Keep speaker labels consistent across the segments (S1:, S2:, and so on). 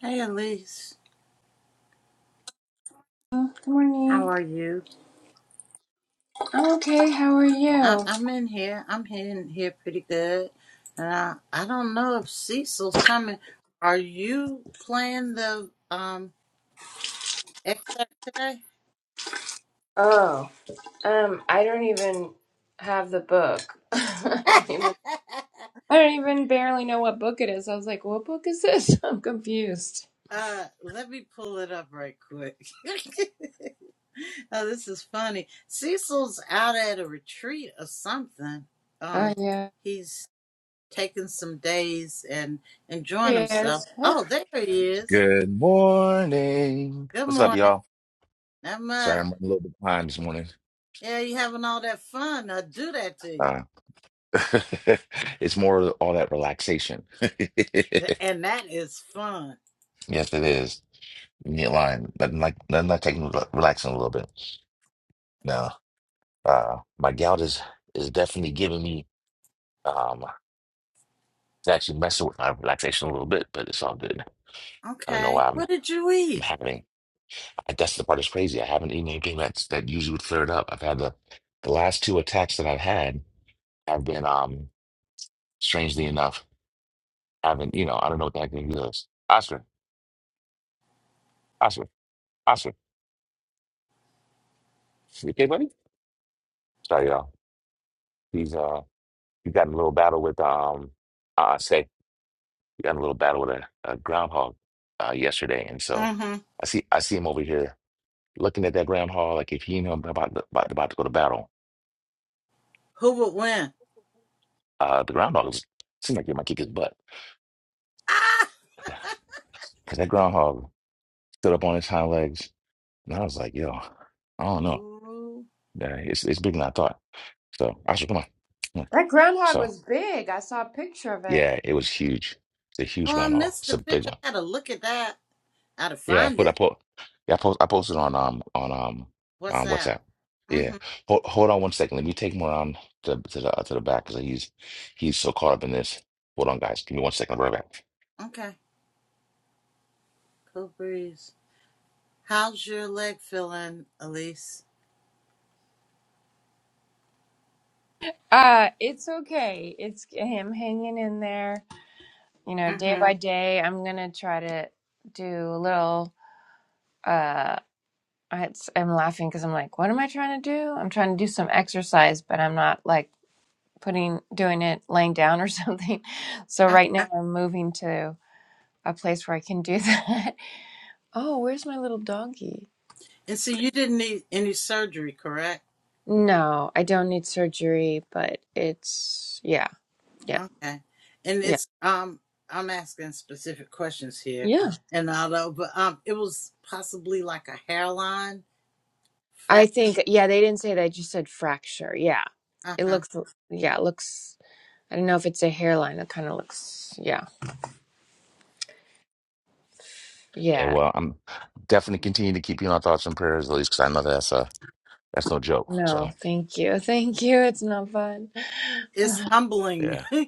S1: Hey, Elise.
S2: Good
S1: How
S2: morning.
S1: are you?
S2: I'm okay. How are
S1: I,
S2: you?
S1: I'm in here. I'm in here pretty good. And I, I don't know if Cecil's coming. Are you playing the um excerpt today?
S2: Oh, um, I don't even have the book. I don't even. I don't even barely know what book it is. I was like, "What book is this?" I'm confused.
S1: uh, let me pull it up right quick. oh, this is funny. Cecil's out at a retreat or something.
S2: Oh
S1: Um,
S2: yeah,
S1: he's taking some days and enjoying
S2: here it
S1: himself.
S2: is. Hey,
S1: Oh, there he is.
S3: Good morning.
S1: Good
S3: What's up,
S1: morning.
S3: y'all?
S1: That
S3: Sorry,
S1: much.
S3: I'm running a little bit behind this morning.
S1: Yeah, you having all that fun. I do that to you.
S3: Uh, it's more of all that relaxation.
S1: Th- And that is fun.
S3: Yes, it is. You ain't lying. Nothing like nothing like taking relaxing a little bit. No, uh, my gout is is definitely giving me um it's actually messing with my relaxation a little bit, but it's all good. I don't know
S1: Okay.
S3: why I'm
S1: What did you
S3: I'm
S1: eat?
S3: having. I guess the part that's crazy. I haven't eaten anything that's that usually would clear it up. I've had the the last two attacks that I've had have been um. strangely enough, haven't, you know, I don't know what the heck name is. Oscar, Oscar, Oscar. You okay, buddy? Sorry, y'all. He's uh he got in a little battle with um uh say he got in a little battle with a, a groundhog uh yesterday. And so
S1: Mm-hmm.
S3: I see I see him over here looking at that groundhog like if he knew I'm about to, about, about to go to battle,
S1: Who would win?
S3: uh the groundhog was seemed like he might kick his butt.
S1: Ah!
S3: Cause that groundhog stood up on his hind legs and I was like, yo, I don't know.
S1: Ooh.
S3: Yeah, it's it's bigger than I thought. So Oscar, come on. Come on.
S2: That groundhog
S3: So
S2: was big. I saw a picture of it.
S3: Yeah, it was huge. It's a huge
S1: Oh, I
S3: runoff.
S1: missed
S3: It's
S1: the
S3: a big
S1: picture.
S3: one.
S1: I gotta look at that. I gotta
S3: Yeah, I
S1: find
S3: put I
S1: it.
S3: put yeah, I post I posted on um on um
S1: What's
S3: on
S1: that?
S3: WhatsApp. Yeah.
S1: Mm-hmm.
S3: Hold hold on one second. Let me take Moran to to the to the back because he's he's so caught up in this. Hold on, guys. Give me one second. I'll be right back.
S1: Okay. Cool breeze. How's your leg feeling, Elise?
S2: Uh, it's okay. It's him hanging in there. You know, day Mhm.
S1: Mm-hmm.
S2: by day. I'm gonna try to do a little. uh, I, I'm laughing because I'm like, what am I trying to do? I'm trying to do some exercise, but I'm not like putting, doing it laying down or something. So
S1: Uh,
S2: right now I'm moving to a place where I can do that. Oh, where's my little doggy?
S1: and so you didn't need any surgery, correct?
S2: No, I don't need surgery, but it's, yeah, yeah,
S1: Okay. And
S2: yeah,
S1: it's um I'm asking specific questions here.
S2: yeah.
S1: And although but um it was possibly like a hairline fra
S2: I think, yeah, they didn't say that. I just said fracture. Yeah. It
S1: uh-huh.
S2: looks, yeah, it looks, I don't know if it's a hairline. It kind of looks, yeah,
S3: Yeah,
S2: yeah.
S3: well, I'm definitely continuing to keep you in our thoughts and prayers at least because I know that's uh that's no joke.
S2: No,
S3: So
S2: thank you. Thank you. It's not fun.
S1: It's humbling.
S3: yeah,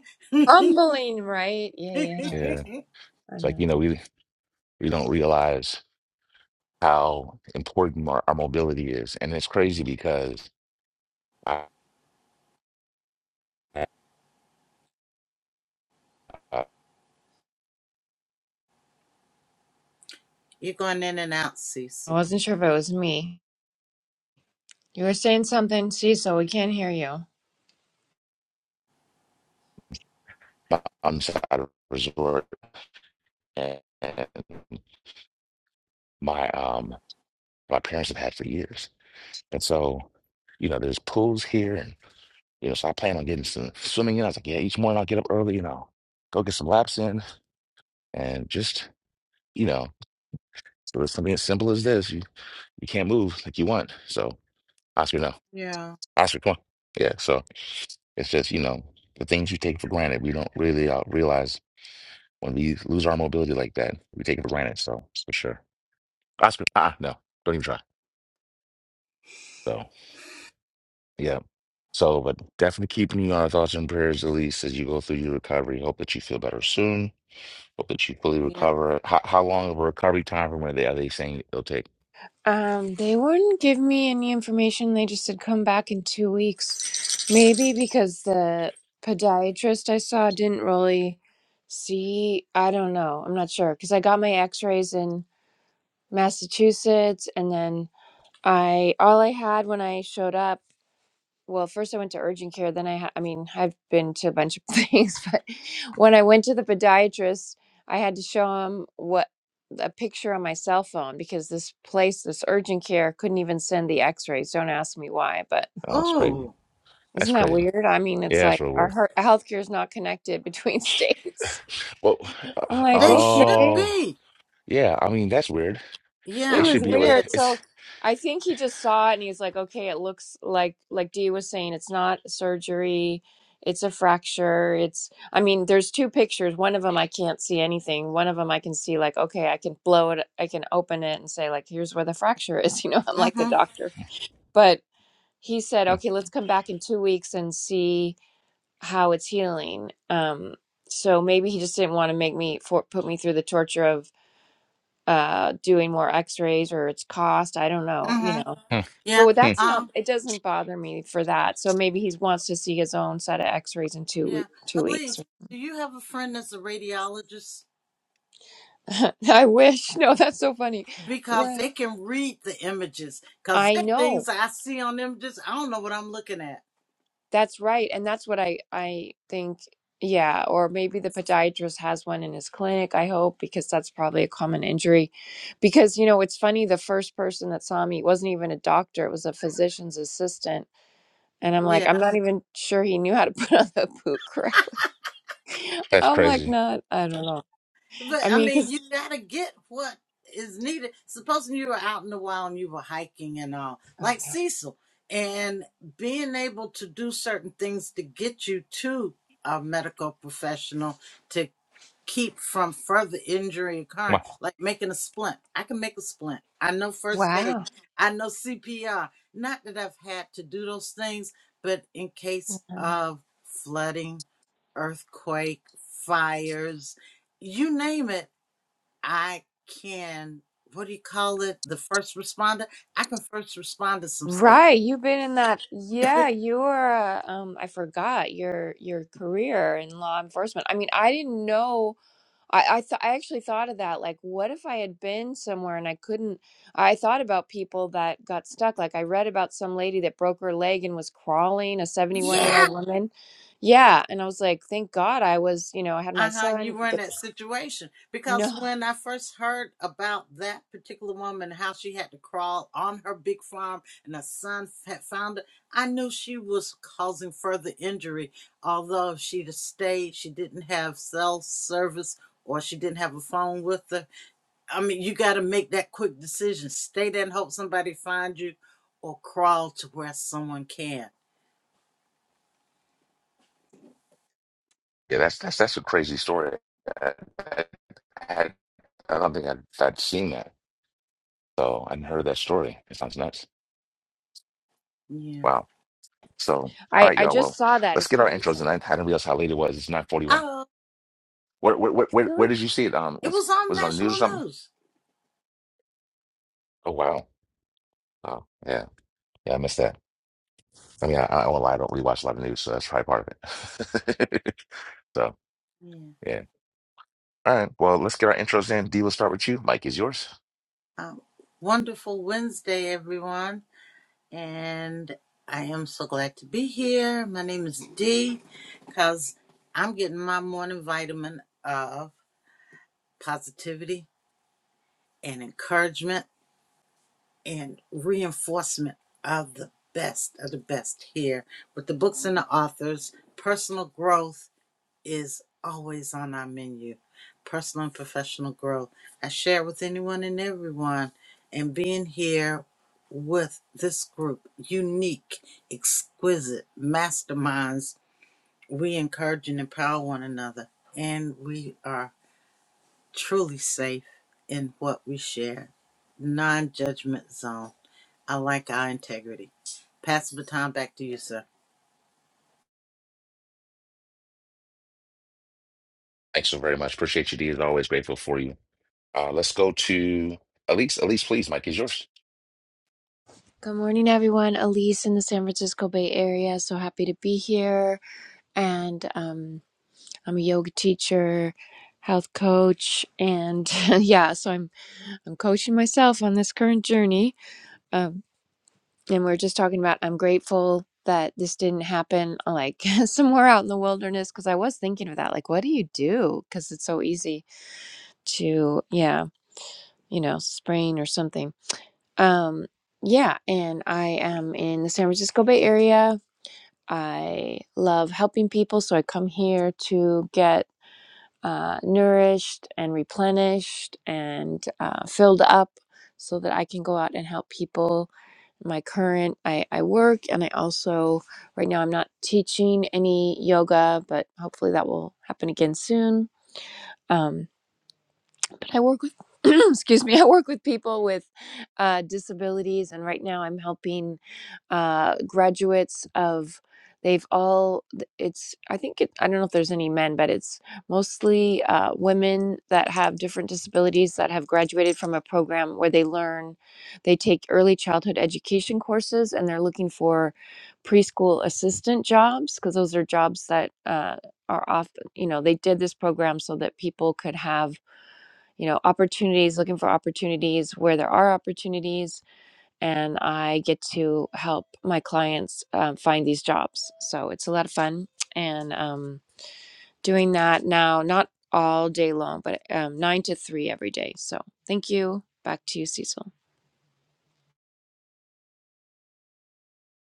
S2: Humbling, right? Yeah, yeah, yeah.
S3: yeah.
S1: You're
S2: I
S3: It's like,
S2: know.
S3: you know, we we don't realize how important our, our mobility is. And it's crazy because
S1: going in and out,
S2: I
S1: Cecil.
S2: wasn't sure if it was me. You were saying something, Cecil. We can't hear you.
S3: mountains at a resort and my um my parents have had for years. And so, you know, there's pools here and you know, so I plan on getting some swimming in. I was like, yeah, each morning I'll get up early and I'll go get some laps in and just, you know, so it's something as simple as this. You you can't move like you want. So Oscar, no.
S1: Yeah.
S3: Oscar, come on. Yeah. So it's just, you know, the things you take for granted, we don't really uh, realize when we lose our mobility like that, we take it for granted. So for sure. Oscar, ah, no, don't even try. So. Yeah. So, but definitely keeping you on our thoughts and prayers, Elise, as you go through your recovery. Hope that you feel better soon. Hope that you fully
S1: Yeah.
S3: recover. How, how long of a recovery time from where they are they saying it'll take?
S2: Um, they wouldn't give me any information. They just said come back in two weeks. Maybe because the podiatrist I saw didn't really see. I don't know. I'm not sure because I got my X-rays in Massachusetts, and then I all I had when I showed up. well, first I went to urgent care. Then I, ha- I mean, I've been to a bunch of things, but when I went to the podiatrist, I had to show him what a picture on my cell phone because this place, this urgent care, couldn't even send the X-rays. Don't ask me why, but
S3: Oh, it's crazy.
S1: Oh,
S3: That's
S2: isn't that
S3: crazy.
S2: weird? I mean,
S3: Yeah,
S2: it's
S3: that's
S2: like
S3: real
S2: our
S3: weird.
S2: heart, healthcare is not connected between states.
S3: Well, uh,
S2: I'm like,
S1: they should
S2: okay.
S3: oh,
S1: be.
S3: yeah. I mean, that's weird.
S2: It
S3: They
S1: Yeah,
S3: should
S2: was
S3: be
S1: it
S3: able to.
S1: is.
S2: weird. So
S3: It's
S2: I think he just saw it and he's like, okay, it looks like like Dee was saying, it's not surgery, it's a fracture. It's I mean, there's two pictures. One of them I can't see anything. One of them I can see like, okay, I can blow it, I can open it and say like, here's where the fracture is. You know, I'm like the
S1: Mm-hmm.
S2: doctor. But he said,
S3: hmm,
S2: okay, let's come back in two weeks and see how it's healing. Um, so maybe he just didn't want to make me for put me through the torture of uh doing more x-rays or it's cost i don't know you
S1: Mm-hmm.
S2: know
S3: hmm,
S1: Yeah.
S2: so
S3: hmm.
S2: that's not
S1: Um,
S2: it doesn't bother me for that so maybe he wants to see his own set of x-rays in two we-
S1: yeah.
S2: two weeks
S1: Elise, do you have a friend that's a radiologist?
S2: i wish no that's so funny do
S1: because
S2: i
S1: they can read the images. Because
S2: i
S1: there are
S2: know
S1: things I see on images, I don't know what I'm looking at.
S2: that's right and that's what i i think yeah or maybe the podiatrist has one in his clinic i hope because that's probably a common injury because you know it's funny the first person that saw me wasn't even a doctor it was a physician's assistant And I'm like,
S1: Yeah,
S2: I'm not even sure he knew how to put on the boot correctly.
S3: that's
S2: I'm like,
S3: crazy.
S2: not, I don't know.
S1: but
S2: I
S1: I
S2: mean,
S1: mean,
S2: because
S1: you gotta get what is needed. Supposing you were out in the wild and you were hiking and all,
S2: I
S1: like
S2: know.
S1: Cecil, and being able to do certain things to get you to a medical professional to keep from further injury occurring,
S3: Wow.
S1: like making a splint. I can make a splint. I know first aid.
S2: Wow.
S1: I know CPR. Not that I've had to do those things, but in case of flooding, earthquake, fires, you name it, I can. What do you call it? The first responder? I can first respond to some stuff.
S2: Right, you've been in that. Yeah, you were. Uh, um, I forgot your your career in law enforcement. I mean, I didn't know. I I, th- I actually thought of that. Like, what if I had been somewhere and I couldn't? I thought about people that got stuck. Like, I read about some lady that broke her leg and was crawling, a 71 year
S1: Yeah.
S2: old woman. Yeah. And I was like, thank God I was, you know, I had my
S1: uh-huh
S2: son.
S1: you were
S2: could
S1: in
S2: Get the-
S1: that situation
S2: no,
S1: because when i first heard about that particular woman how she had to crawl on her big farm and her son had found her i knew she was causing further injury although she'd have stayed she didn't have cell service or she didn't have a phone with her i mean you got to make that quick decision stay there and hope somebody finds you or crawl to where someone can
S3: Yeah, that's that's that's a crazy story. I, I, I don't think I'd, I'd seen that. So I hadn't heard that story. It sounds nuts.
S1: yeah
S3: Wow. So, all
S2: I,
S3: right,
S2: I
S3: y'all.
S2: just
S3: Well,
S2: saw that.
S3: let's
S2: It's
S3: get
S2: kind
S3: our
S2: of
S3: intros.
S2: recent.
S3: And I hadn't realized how late it was. It's nine forty-one.
S1: oh
S3: Where, where, where, where where
S2: Really?
S3: did you see it? Um,
S1: it
S3: was
S1: was on
S3: was it on the news or
S1: national
S3: something?
S1: news
S3: Oh wow. Oh yeah, yeah. I missed that. I mean, I, I won't lie. I don't really watch a lot of news, so that's probably part of it. so
S1: Yeah.
S3: yeah. All right. Well, let's get our intros in. D, we'll start with you. Mike is yours.
S1: Um, wonderful Wednesday, everyone. And I am so glad to be here. My name is Dee because I'm getting my morning vitamin of positivity and encouragement and reinforcement of the best of the best here with the books and the authors, personal growth, is always on our menu personal and professional growth. I share with anyone and everyone, and being here with this group, unique, exquisite masterminds, we encourage and empower one another, and we are truly safe in what we share. Non judgment zone. I like our integrity. Pass the baton back to you, sir.
S3: Thanks so very much. Appreciate you, D. As always, grateful for you. Uh, let's go to Elise. Elise, please. Mike is yours.
S2: Good morning, everyone. Elise in the San Francisco Bay Area. So happy to be here. And um, I'm a yoga teacher, health coach, and yeah, so I'm I'm coaching myself on this current journey. Um, and we're just talking about I'm grateful that this didn't happen uh, like somewhere out in the wilderness because I was thinking of that. Like, what do you do? Because it's so easy to, yeah, you know, sprain or something. Um, yeah. And I am in the San Francisco Bay Area. I love helping people. So I come here to get uh, nourished and replenished and uh, filled up so that I can go out and help people. My current, I, I work and I also, right now, I'm not teaching any yoga, but hopefully that will happen again soon. Um, but I work with excuse me, I work with people with uh, disabilities, and right now I'm helping uh, graduates of they've all it's I think it, I don't know if there's any men, but it's mostly uh, women that have different disabilities that have graduated from a program where they learn they take early childhood education courses, and they're looking for preschool assistant jobs because those are jobs that. Uh, are often, you know, they did this program so that people could have you know opportunities looking for opportunities where there are opportunities and i get to help my clients um, find these jobs so it's a lot of fun and um, doing that now not all day long but um, nine to three every day so thank you back to you cecil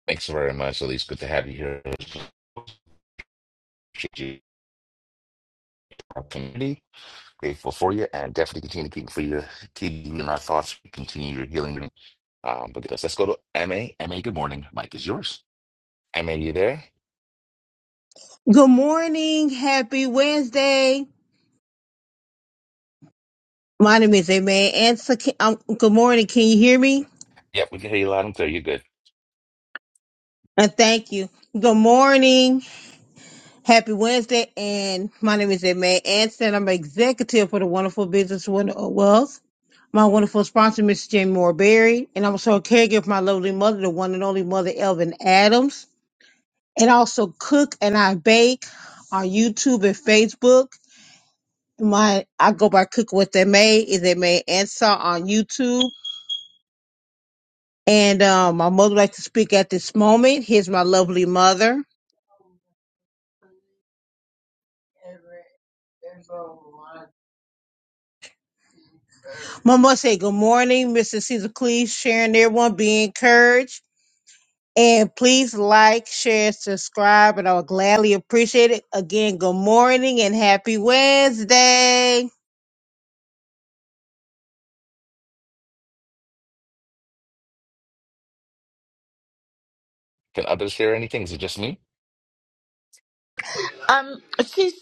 S3: Thanks so very much, Elise. Good to have you here. Appreciate you. Our community. Grateful for you and definitely continue to keep for you. Keep you in our thoughts. Continue your healing. journey. Um, but because let's go to M A M A. good morning. Mike is yours. MA, you there?
S4: Good morning. Happy Wednesday. My name is Amen. Answer. Can, um, good morning. Can you hear me?
S3: Yep, we can hear you loud and clear. You're good.
S4: And thank you. Good morning. Happy Wednesday. And my name is Amen Anson. I'm executive for the wonderful business Wonder of Wealth. My wonderful sponsor, Mrs. Jamie Moore Berry. And I'm also a caregiver for my lovely mother, the one and only mother, Elvin Adams. And I also cook and I bake on YouTube and Facebook. My I go by Cook What They Made is They Made Answer on YouTube And um, my mother would like to speak at this moment. Here's my lovely mother. Mama say good morning, Mr. Caesar Cleese, sharing everyone, be encouraged. And please like, share, subscribe, and I'll gladly appreciate it. Again, good morning and happy Wednesday.
S3: Can others hear anything? Is it just me?
S5: Um, she's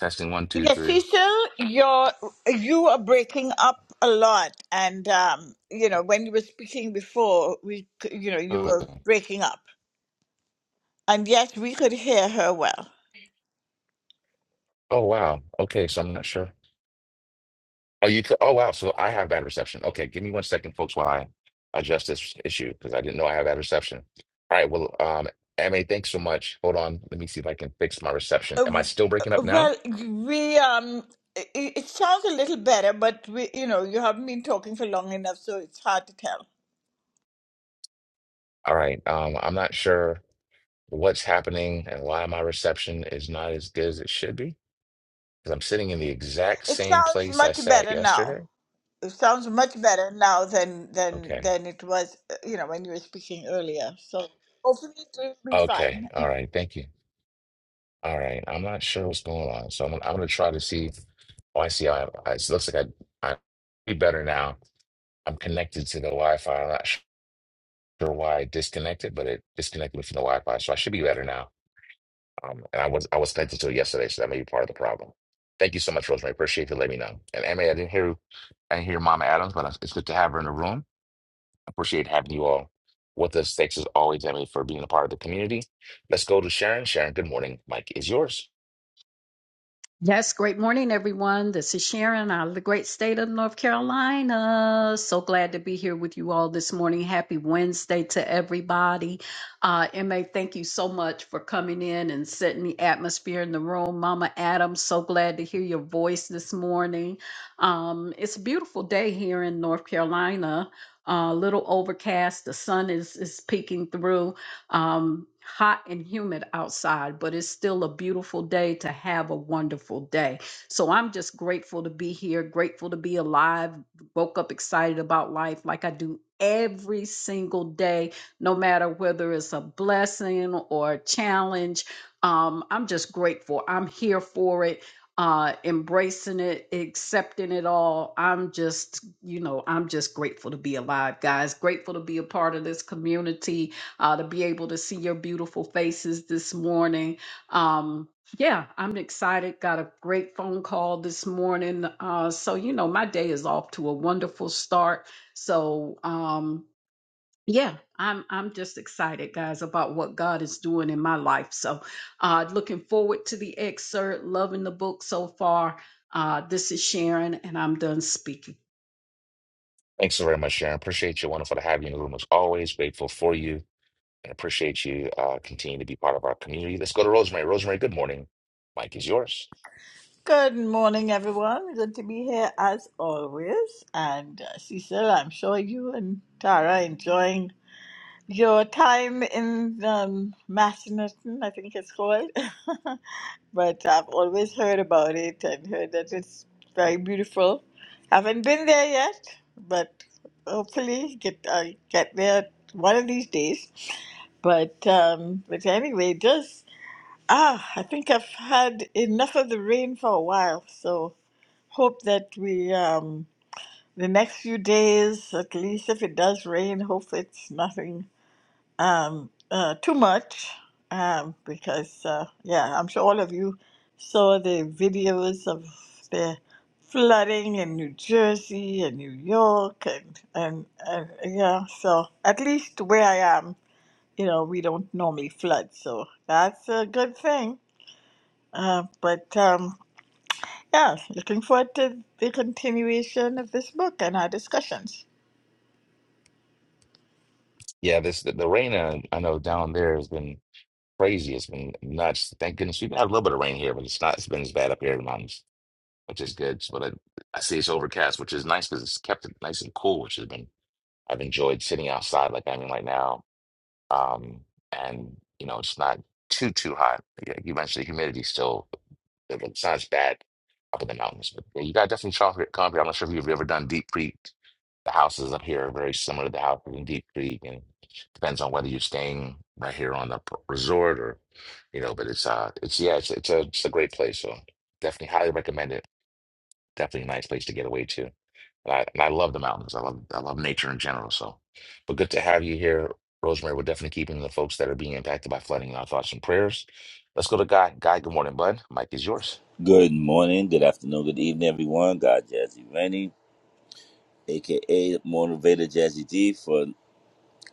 S3: Testing one, two,
S5: yeah,
S3: three.
S5: Cecil, you're you are breaking up a lot, and um, you know when you were speaking before, we c- you know you
S3: Oh,
S5: were breaking up, and yes, we could hear her well.
S3: oh, wow. Okay, so I'm not sure. Oh, you? c- Oh, wow. So I have bad reception. Okay, give me one second, folks, while I adjust this issue because I didn't know I have bad reception. All right. Well, um, MA, thanks so much. Hold on. Let me see if I can fix my reception.
S5: Uh,
S3: Am I
S5: w-
S3: still
S5: uh,
S3: breaking up now?
S5: well, we um, it, it sounds a little better, but we you know you haven't been talking for long enough, so it's hard to tell.
S3: All right. Um, I'm not sure. what's happening and why my reception is not as good as it should be? Because I'm sitting in the exact
S5: It
S3: same
S5: sounds
S3: place I
S5: much
S3: sat
S5: better now.
S3: yesterday.
S5: It sounds much better now than than
S3: Okay.
S5: than it was, uh, you know, when you were speaking earlier. So hopefully it will be fine.
S3: Okay. All right. Thank you. All right. I'm not sure what's going on. So I'm, gonna- I'm going to try to see. Oh, I see. I, I, it looks like I, I be better now. I'm connected to the Wi Fi. I'm not sure why I disconnected, but it disconnected me from the Wi Fi. So I should be better now. Um, and I was I was connected to it yesterday, so that may be part of the problem. Thank you so much, Rosemary. Appreciate you letting me know. And Amy, I didn't hear I didn't hear Mama Adams, but uh, it's good to have her in the room. Appreciate having you all with us. Thanks as always, Emily, for being a part of the community. Let's go to Sharon. Sharon, good morning. Mike is yours.
S6: Yes, great morning, everyone. This is Sharon out of the great state of North Carolina. So glad to be here with you all this morning. Happy Wednesday to everybody. Uh, MA, thank you so much for coming in and setting the atmosphere in the room. Mama Adam, so glad to hear your voice this morning. Um, it's a beautiful day here in North Carolina. Uh, A little overcast. The sun is is peeking through. Um, hot and humid outside, but it's still a beautiful day to have a wonderful day. So I'm just grateful to be here, grateful to be alive. Woke up excited about life like I do every single day, no matter whether it's a blessing or a challenge. Um, I'm just grateful. I'm here for it uh embracing it accepting it all i'm just you know i'm just grateful to be alive guys grateful to be a part of this community uh, to be able to see your beautiful faces this morning. Um, yeah, I'm excited. Got a great phone call this morning. Uh, so, you know, my day is off to a wonderful start. So, um, yeah, I'm I'm just excited, guys, about what God is doing in my life. So, uh, looking forward to the excerpt. Loving the book so far. Uh, this is Sharon, and I'm done speaking.
S3: Thanks so very much, Sharon. Appreciate you. Wonderful to have you in the room as always. Grateful for you and appreciate you uh, continuing to be part of our community. Let's go to Rosemary. Rosemary, good morning. Mike is yours.
S5: Good morning, everyone. Good to be here as always. And uh, Cecil, I'm sure you and Tara enjoying your time in um, Massanutten, I think it's called. but I've always heard about it and heard that it's very beautiful. Haven't been there yet, but hopefully get I get there one of these days. But um, but anyway, just ah, I think I've had enough of the rain for a while. So hope that we um, the next few days, at least if it does rain, hope it's nothing um, uh, too much um, because, uh, yeah, I'm sure all of you saw the videos of the flooding in New Jersey and New York, and, and, and yeah, so at least where I am, you know, we don't normally flood, so that's a good thing. Uh, but um, yeah, looking forward to the continuation of this book and our discussions.
S3: Yeah, this the, the rain. Uh, I know down there has been. crazy. It's been nuts. Thank goodness we've had a little bit of rain here, but it's not. It's been as bad up here in the mountains, which is good. So, But I, I see it's overcast, which is nice because it's kept it nice and cool, which has been. I've enjoyed sitting outside like I am right now um, and you know it's not too too hot. Yeah, You mentioned the humidity still; it- it's not as bad up in the mountains. But yeah, you got definitely chocolate concrete. I'm not sure if you've ever done Deep Creek. The houses up here are very similar to the houses in Deep Creek, and depends on whether you're staying right here on the p- resort or you know. But it's uh, it's yeah, it's it's a it's a great place. So definitely highly recommended. Definitely a nice place to get away to. And I, and I love the mountains. I love I love nature in general. So, but good to have you here, Rosemary. We're definitely keeping the folks that are being impacted by flooding in our thoughts and prayers. Let's go to Guy. Guy, good morning, bud. Mike is yours.
S7: Good morning, good afternoon, good evening, everyone. God Jazzy Rennie, aka Motivator Jazzy D, for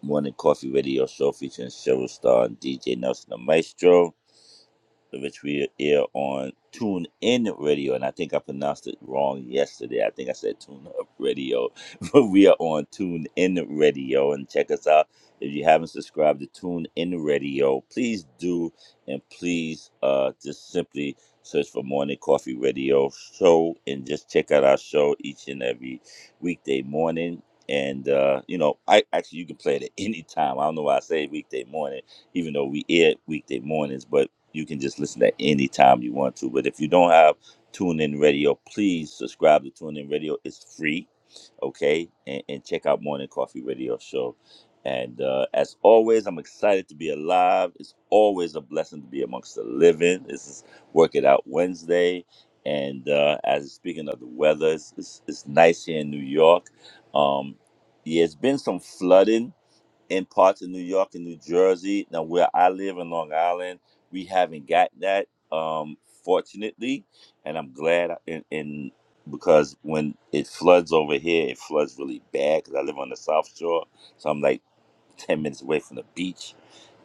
S7: Morning Coffee Radio Show featuring Cheryl Star and DJ Nelson the Maestro which we air on Tune In Radio, and I think I pronounced it wrong yesterday. I think I said Tune Up Radio, but we are on Tune In Radio, and check us out. If you haven't subscribed to Tune In Radio, please do, and please uh, just simply search for Morning Coffee Radio Show, and just check out our show each and every weekday morning. And uh, you know, I actually you can play it at any time. I don't know why I say weekday morning, even though we air weekday mornings, but you can just listen at any time you want to. But if you don't have TuneIn Radio, please subscribe to TuneIn Radio. It's free, okay? And, and check out Morning Coffee Radio Show. And uh, as always, I'm excited to be alive. It's always a blessing to be amongst the living. This is Work It Out Wednesday. And uh, as speaking of the weather, it's, it's, it's nice here in New York. Um, yeah, it's been some flooding in parts of New York and New Jersey. Now, where I live in Long Island, we haven't got that, um, fortunately, and I'm glad. I- And, and because when it floods over here, it floods really bad because I live on the South Shore, so I'm like ten minutes away from the beach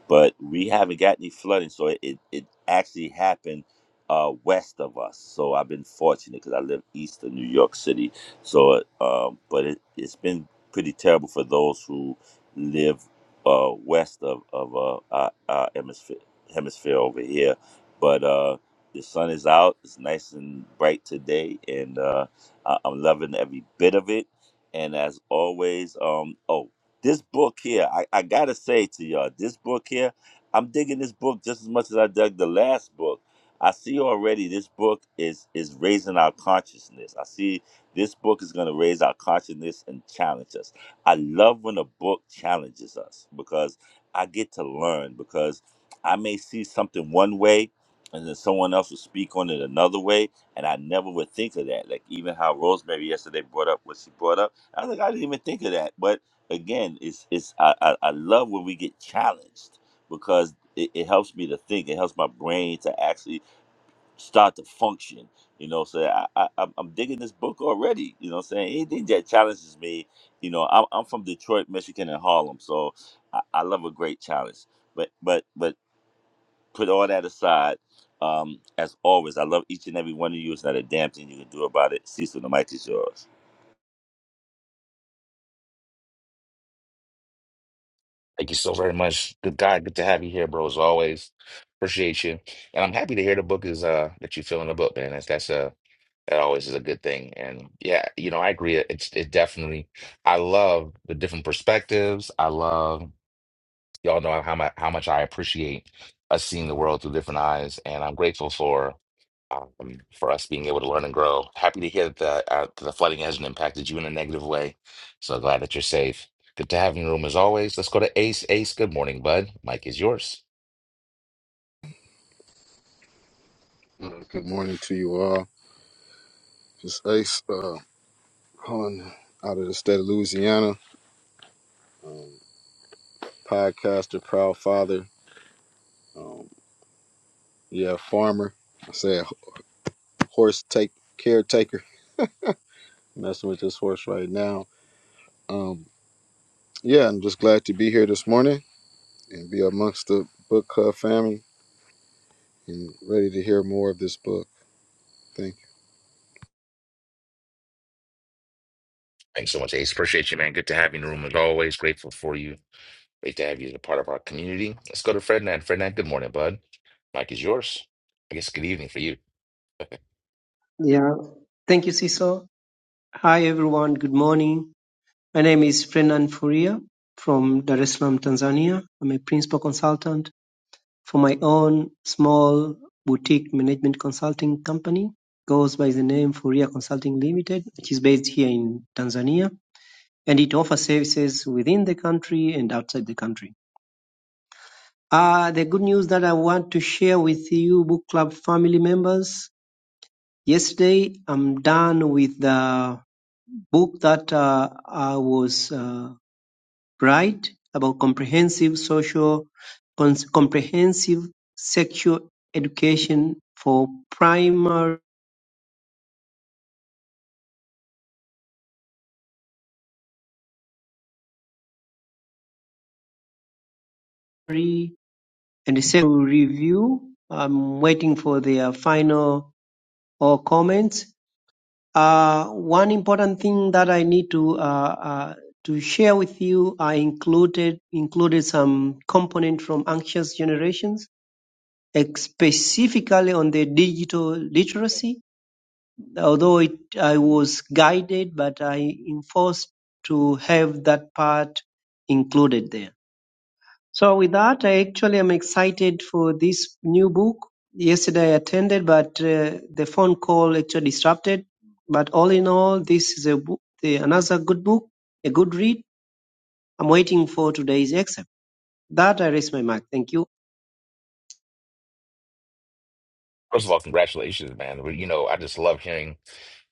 S7: but we haven't got any flooding, so it, it, it actually happened uh, west of us. So I've been fortunate because I live east of New York City. So, um, but it, it's been pretty terrible for those who live uh, west of, of uh, our, our hemisphere, hemisphere over here. But uh, the sun is out, it's nice and bright today, and uh, I, I'm loving every bit of it. And as always, um, oh, this book here, I, I gotta say to y'all, this book here, I'm digging this book just as much as I dug the last book. I see already this book is is raising our consciousness. I see this book is gonna raise our consciousness and challenge us. I love when a book challenges us because I get to learn because I may see something one way and then someone else will speak on it another way and I never would think of that. Like even how Rosemary yesterday brought up what she brought up. I was like, I didn't even think of that. but again, it's it's I, I, I love when we get challenged because it, it helps me to think. It helps my brain to actually start to function. You know, so I, I I'm I'm digging this book already. You know, what I'm saying anything that challenges me. You know, I'm, I'm from Detroit, Michigan, and Harlem, so I, I love a great challenge. But but but put all that aside. Um, as always, I love each and every one of you. It's not a damn thing you can do about it. Cecil, the mic is yours.
S3: Thank you so very much. Good guy. Good to have you here, bro. As always, appreciate you. And I'm happy to hear the book is uh that you're filling the book, man. That's that's a that always is a good thing. And yeah, you know, I agree. It's it definitely. I love the different perspectives. I love Y'all know how much how much I appreciate us seeing the world through different eyes, and I'm grateful for um, for us being able to learn and grow. Happy to hear that the, uh, the flooding hasn't impacted you in a negative way. So glad that you're safe. Good to have you in the room as always. Let's go to Ace. Ace, good morning, bud. Mike is yours.
S8: Uh, good morning to you all. It's Ace, uh, calling out of the state of Louisiana. Um, podcaster, proud father. Um, yeah, farmer. I say a h- horse take caretaker. Messing with this horse right now. Um, yeah, I'm just glad to be here this morning and be amongst the book club family and ready to hear more of this book. Thank you.
S3: Thanks so much, Ace. Appreciate you, man. Good to have you in the room as always. Grateful for you. Great to have you as a part of our community. Let's go to Ferdinand. Ferdinand, good morning, bud. Mike is yours. I guess good evening for you.
S9: Yeah. Thank you, Siso. Hi, everyone. Good morning. My name is Frenan Furia from Dar es Salaam, Tanzania. I'm a principal consultant for my own small boutique management consulting company. Goes by the name Furia Consulting Limited, which is based here in Tanzania, and it offers services within the country and outside the country. Uh, the good news that I want to share with you, book club family members. Yesterday, I'm done with the book that uh, I was uh, write about comprehensive social, cons- comprehensive sexual education for primary and secondary review. I'm waiting for their final or comments. Uh, one important thing that I need to uh, uh, to share with you, I included included some component from anxious generations, eh, specifically on the digital literacy although it I was guided, but I enforced to have that part included there. So with that, I actually am excited for this new book. Yesterday I attended, but uh, the phone call actually disrupted. But all in all, this is a book, the, another good book, a good read. I'm waiting for today's exam. That I raise my mic. Thank you.
S3: First of all, congratulations, man. Well, You know, I just love hearing.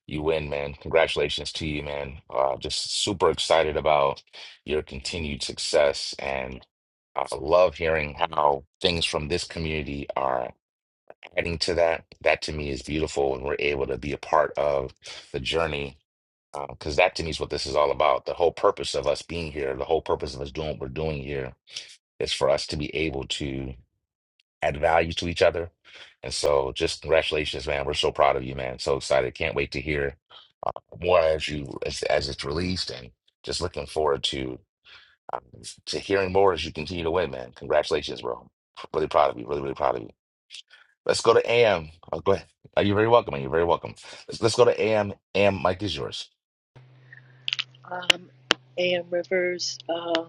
S3: You win, man. Congratulations to you, man. Uh, just super excited about your continued success and I love hearing how things from this community are adding to that. That to me is beautiful and we're able to be a part of the journey because that to me is what this is all about. The whole purpose of us being here, the whole purpose of us doing what we're doing here is for us to be able to add value to each other. And so just congratulations, man. We're so proud of you, man. So excited. Can't wait to hear more as you as as it's released, and just looking forward to um, to hearing more as you continue to win, man. Congratulations, bro. Really proud of you. Really, really proud of you. Let's go to AM. Oh, go ahead. Are you very welcome? You're very welcome. Let's, let's go to AM. AM, Mike is yours.
S10: Um, A.M. Rivers, um,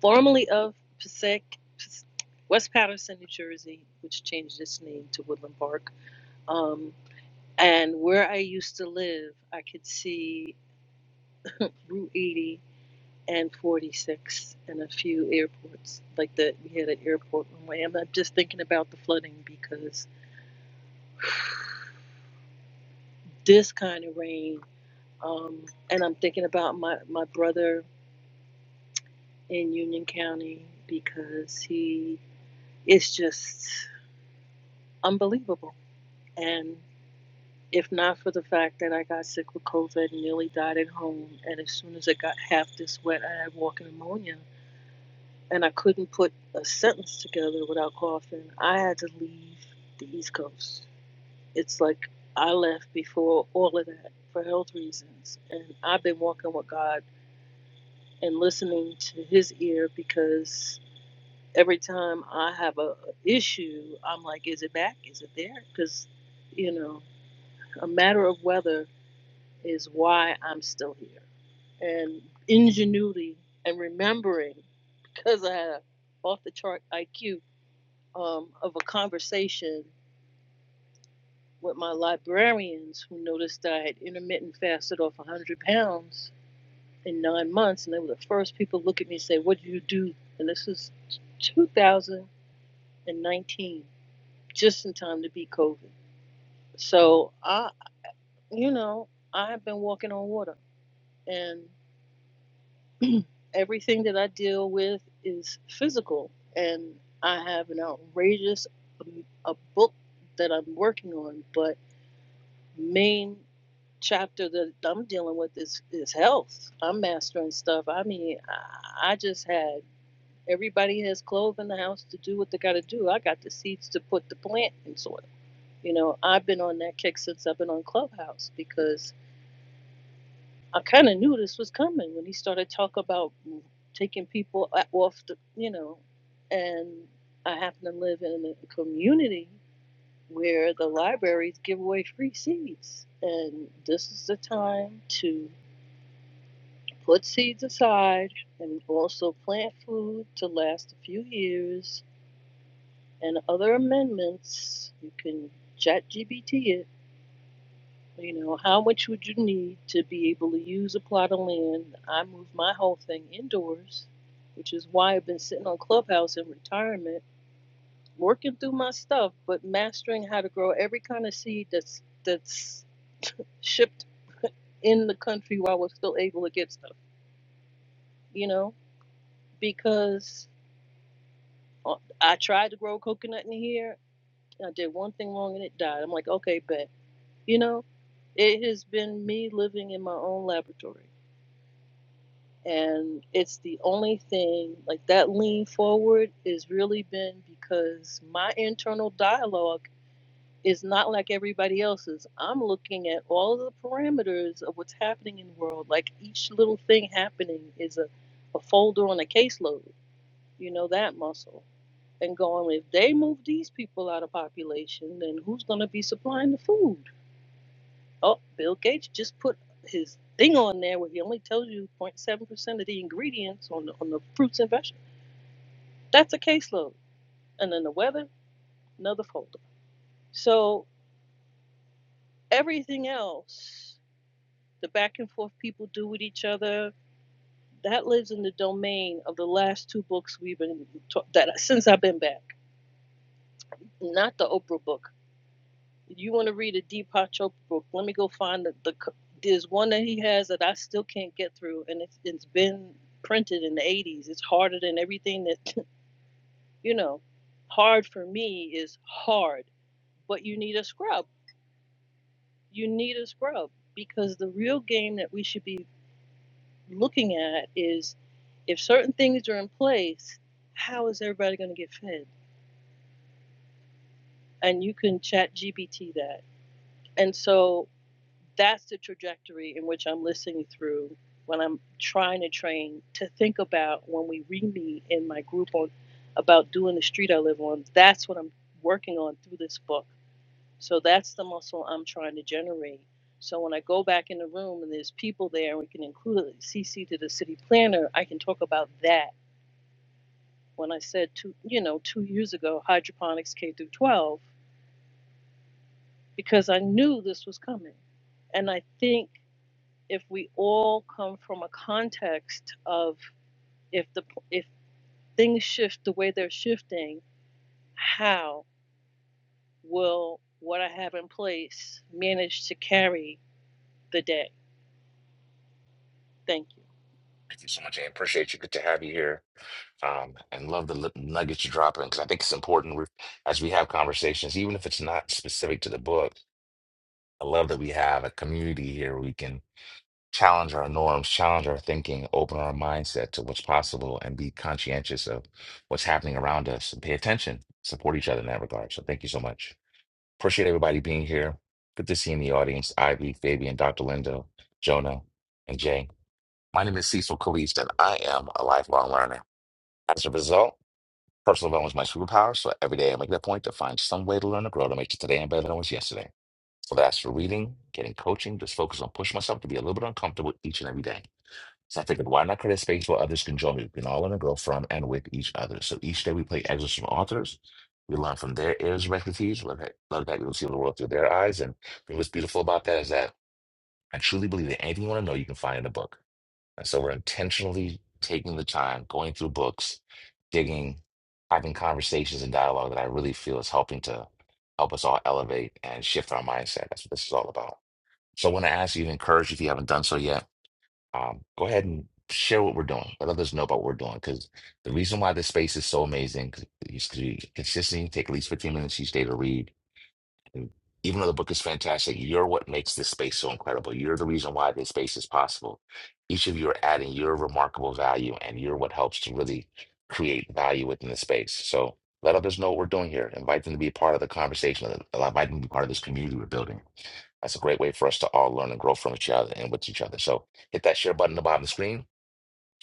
S10: formerly of Passaic, West Patterson, New Jersey, which changed its name to Woodland Park. Um, and where I used to live, I could see Route 80 and 46 and a few airports. Like the we had an airport runway. I'm not just thinking about the flooding because this kind of rain. Um, and I'm thinking about my, my brother in Union County because he It's just unbelievable. And if not for the fact that I got sick with COVID and nearly died at home, and as soon as I got half this wet, I had walking pneumonia, and I couldn't put a sentence together without coughing, I had to leave the East Coast. It's like I left before all of that for health reasons, and I've been walking with God and listening to His ear because every time I have a a issue, I'm like, is it back? Is it there? Because you know A matter of weather is why I'm still here. And ingenuity and remembering, because I had a off the chart IQ um, of a conversation with my librarians who noticed I had intermittent fasted off 100 pounds in nine months. And they were the first people to look at me and say, What do you do? And this was 2019, just in time to beat COVID. So I, you know, I've been walking on water. And everything that I deal with is physical, and I have an outrageous um, a book that I'm working on, but main chapter that I'm dealing with is is health. I'm mastering stuff. I mean, I, I just had everybody has clothes in the house to do what they got to do. I got the seeds to put the plant in soil. You know, I've been on that kick since I've been on Clubhouse because I kind of knew this was coming when he started talk about taking people o- off the, you know, and I happen to live in a community where the libraries give away free seeds, and this is the time to put seeds aside and also plant food to last a few years and other amendments. You can chat GBT it You know, how much would you need to be able to use a plot of land? I moved my whole thing indoors, which is why I've been sitting on Clubhouse in retirement, working through my stuff, but mastering how to grow every kind of seed that's that's shipped in the country while we're still able to get stuff. You know, because uh, I tried to grow coconut in here, I did one thing wrong and it died. I'm like, okay, but you know, it has been me living in my own laboratory and it's the only thing like that lean forward has really been because my internal dialogue is not like everybody else's i'm looking at all of the parameters of what's happening in the world like each little thing happening is a, a folder on a caseload you know that muscle and going if they move these people out of population then who's going to be supplying the food Oh, Bill Gates just put his thing on there where he only tells you 0.7% of the ingredients on the, on the fruits and vegetables. That's a caseload. And then the weather, another folder. So everything else, the back and forth people do with each other, that lives in the domain of the last two books we've been ta- that since I've been back. Not the Oprah book. You want to read a Deepak Chopra book? Let me go find the, the. There's one that he has that I still can't get through, and it's it's been printed in the 80s. It's harder than everything that you know. Hard for me is hard, but you need a scrub. You need a scrub because the real game that we should be looking at is if certain things are in place, how is everybody going to get fed? And you can chat GBT that. And so That's the trajectory in which I'm listening through when I'm trying to train to think about when we re meet in my group on about doing the street I live on. That's what I'm working on through this book. So that's the muscle I'm trying to generate. So when I go back in the room and there's people there, and we can include CC to the city planner, I can talk about that. When I said two, you know, two years ago, hydroponics K through 12, because I knew this was coming, and I think if we all come from a context of if the if things shift the way they're shifting, how will what I have in place manage to carry the day? Thank you.
S3: Thank you so much, AM. Appreciate you. Good to have you here. Um, and love the li- nuggets you're dropping because I think it's important we as we have conversations, even if it's not specific to the book. I love that we have a community here. challenge our norms, challenge our thinking, open our mindset to what's possible, and be conscientious of what's happening around us and pay attention, support each other in that regard. So thank you so much. Appreciate everybody being here. Good to see you in the audience, Ivy, Fabian, Dr. Lindo, Jonah, and Jay. My name is Cecil Caliste, and I am a lifelong learner. As a result, personal development is my superpower, so every day I make that point to find some way to learn and grow to make it today and better than it was yesterday. So that's for reading, getting coaching, just focus on pushing myself to be a little bit uncomfortable each and every day. So I figured, why not create a space where others can join me? We can all learn and grow from and with each other. So each day we play excerpts from authors. We learn from their areas of expertise. We learn that, love that we can see the world through their eyes. And what's beautiful about that is that I truly believe that anything you want to know, you can find in a book. And so we're intentionally taking the time, going through books, digging, having conversations and dialogue that I really feel is helping to help us all elevate and shift our mindset. That's what this is all about. So I want to ask you to encourage if you haven't done so yet um, go ahead and share what we're doing. Let others know about what we're doing because the reason why this space is so amazing is because you consistently take at least 15 minutes each day to read. And even though the book is fantastic, you're what makes this space so incredible. You're the reason why this space is possible. Each of you are adding your remarkable value, and you're what helps to really create value within the space. So let others know what we're doing here. Invite them to be a part of the conversation. Invite them to be part of this community we're building. That's a great way for us to all learn and grow from each other and with each other. So hit that share button at the bottom of the screen.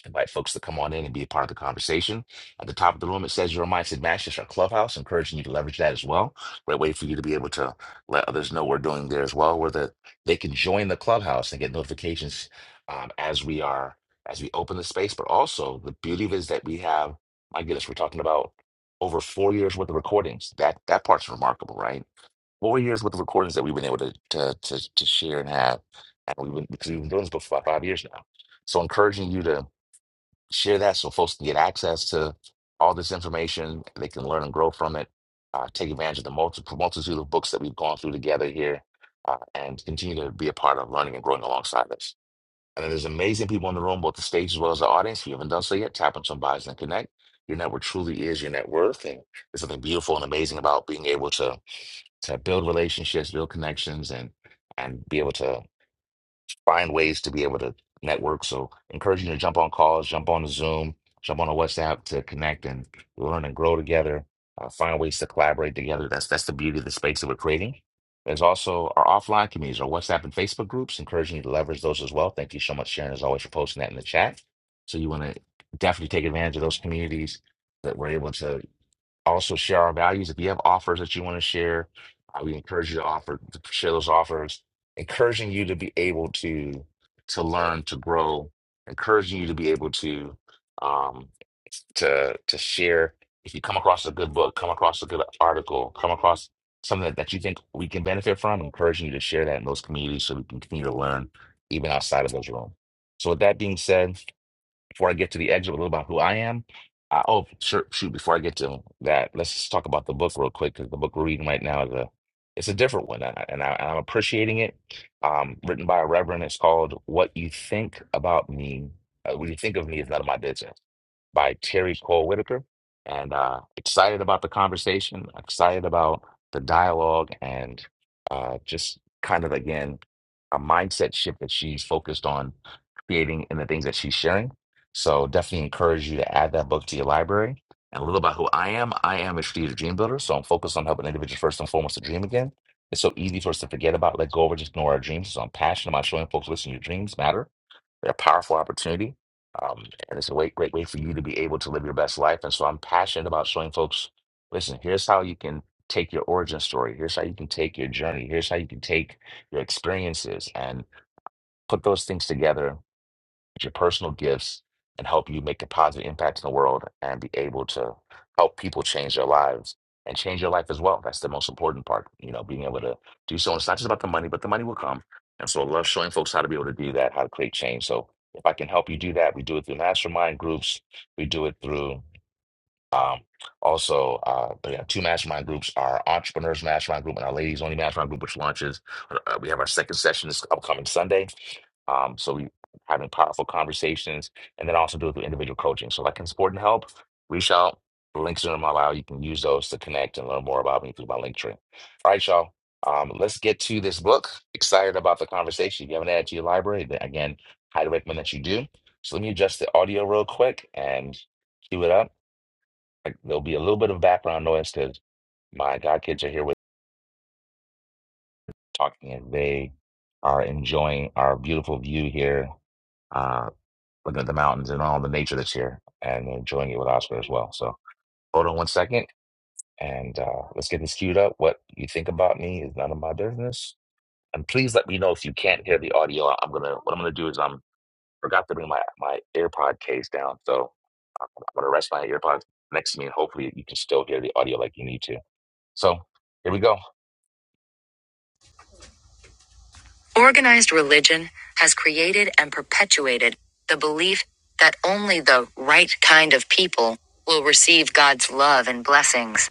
S3: Invite folks to come on in and be a part of the conversation. At the top of the room, it says your mindset match. It's our clubhouse, encouraging you to leverage that as well. Great way for you to be able to let others know we're doing there as well, where the, they can join the clubhouse and get notifications um, as we are as we open the space. But also the beauty of it is that we have, my goodness, we're talking about over four years worth of recordings. That that part's remarkable, right? four years with the recordings that we've been able to to to, to share and have, and we've been because we've been doing this book for about five years now. So encouraging you to share that so folks can get access to all this information, they can learn and grow from it, uh, take advantage of the multi- multitude of books that we've gone through together here, uh, and continue to be a part of learning and growing alongside us. And then there's amazing people in the room, both the stage as well as the audience. If you haven't done so yet, tap on some bios and connect. Your network truly is your net worth, and there's something beautiful and amazing about being able to to build relationships, build connections, and and be able to find ways to be able to network. So, encouraging you to jump on calls, jump on the Zoom, jump on a WhatsApp to connect and learn and grow together. Uh, find ways to collaborate together. That's that's the beauty of the space that we're creating. There's also our offline communities, our WhatsApp and Facebook groups. Encouraging you to leverage those as well. Thank you so much, Sharon, as always, for posting that in the chat. So you want to definitely take advantage of those communities that we're able to also share our values. If you have offers that you want to share, uh, we encourage you to offer to share those offers, encouraging you to be able to to learn, to grow, encouraging you to be able to um, to to share. If you come across a good book, come across a good article, come across something that, that you think we can benefit from, encouraging you to share that in those communities so we can continue to learn even outside of those rooms. So with that being said, before I get to the exit a little about who I am. I, oh, sure, shoot! Before I get to that, let's just talk about the book real quick because the book we're reading right now is a it's a different one, and, I, and I, I'm appreciating it. Um, written by a reverend, it's called "What You Think About Me." Uh, what you think of me is none of my business by Terry Cole Whitaker. And uh, excited about the conversation, excited about the dialogue, and uh, just kind of again a mindset shift that she's focused on creating and the things that she's sharing. So definitely encourage you to add that book to your library. And a little about who I am, I am a strategic dream builder, so I'm focused on helping individuals first and foremost to dream again. It's so easy for us to forget about, let go of, or just ignore our dreams. So I'm passionate about showing folks, listen, your dreams matter. They're a powerful opportunity, um, and it's a way, great way for you to be able to live your best life. And so I'm passionate about showing folks, listen, here's how you can take your origin story. Here's how you can take your journey. Here's how you can take your experiences and put those things together with your personal gifts and help you make a positive impact in the world and be able to help people change their lives and change your life as well. That's the most important part, you know, being able to do so. And It's not just about the money, but the money will come. And so I love showing folks how to be able to do that, how to create change. So if I can help you do that, we do it through mastermind groups, we do it through um, also, uh, we have two mastermind groups: our entrepreneurs mastermind group and our ladies only mastermind group, which launches. Uh, we have our second session this upcoming Sunday. Um, so we having powerful conversations, and then also do it through individual coaching. So, like in support and help, reach out. The links in my bio. You can use those to connect and learn more about me through my link tree. All right, y'all. Um, let's get to this book. Excited about the conversation. If you haven't added to your library, then again, highly recommend that you do. So let me adjust the audio real quick and cue it up. Like there'll be a little bit of background noise because my godkids are here with talking and they are enjoying our beautiful view here, uh, looking at the mountains and all the nature that's here and they're enjoying it with Oscar as well. So hold on one second and uh, let's get this queued up. What you think about me is none of my business. And please let me know if you can't hear the audio. I'm gonna what I'm gonna do is I'm forgot to bring my my AirPod case down, so I'm gonna rest my AirPods next to me and hopefully you can still hear the audio like you need to. So here we go. Organized religion has created and perpetuated the belief that only the right kind of people will receive God's love and blessings.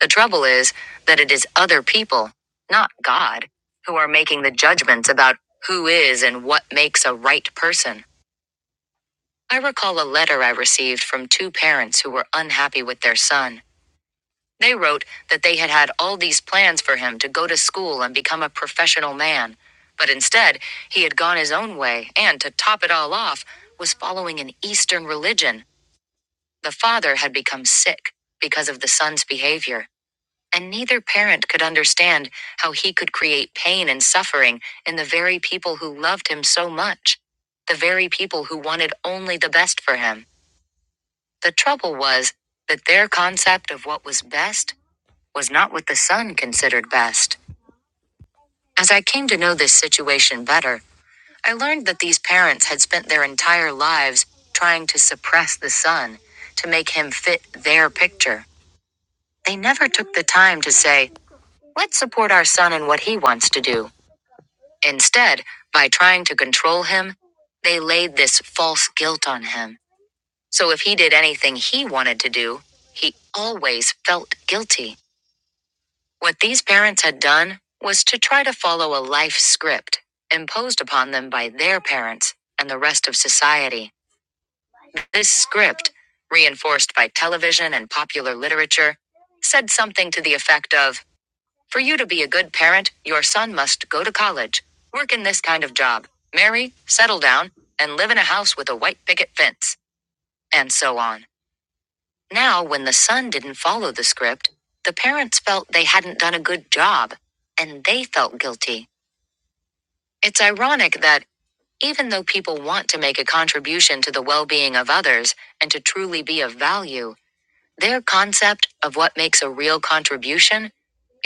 S3: The trouble is that it is other people, not God, who are making the judgments about who is and what makes a right person. I recall a letter I received from two parents who were unhappy with their son. They wrote that they had had all these plans for him to go to school and become a professional man, but instead, he had gone his own way and, to top it all off, was following an Eastern religion. The father had become sick because of the son's behavior, and neither parent could understand how he could create pain and suffering in the very people who loved him so much, the very people who wanted only the best for him. The trouble was that their concept of what was best was not what the son considered best. As I came to know this situation better, I learned that these parents had spent their entire lives trying to suppress the son, to make him fit their picture. They never took the time to say, let's support our son in what he wants to do. Instead, by trying to control him, they laid this false guilt on him. So if he did anything he wanted to do, he always felt guilty. What these parents had done was to try to follow a life script imposed upon them by their parents and the rest of society. This script, reinforced by television and popular literature, said something to the effect of For you to be a good parent, your son must go to college, work in this kind of job, marry, settle down, and live in a house with a white picket fence, and so on. Now, when the son didn't follow the script, the parents felt they hadn't done a good job, and they felt guilty. It's ironic that, even though people want to make a contribution to the well being of others and to truly be of value, their concept of what makes a real contribution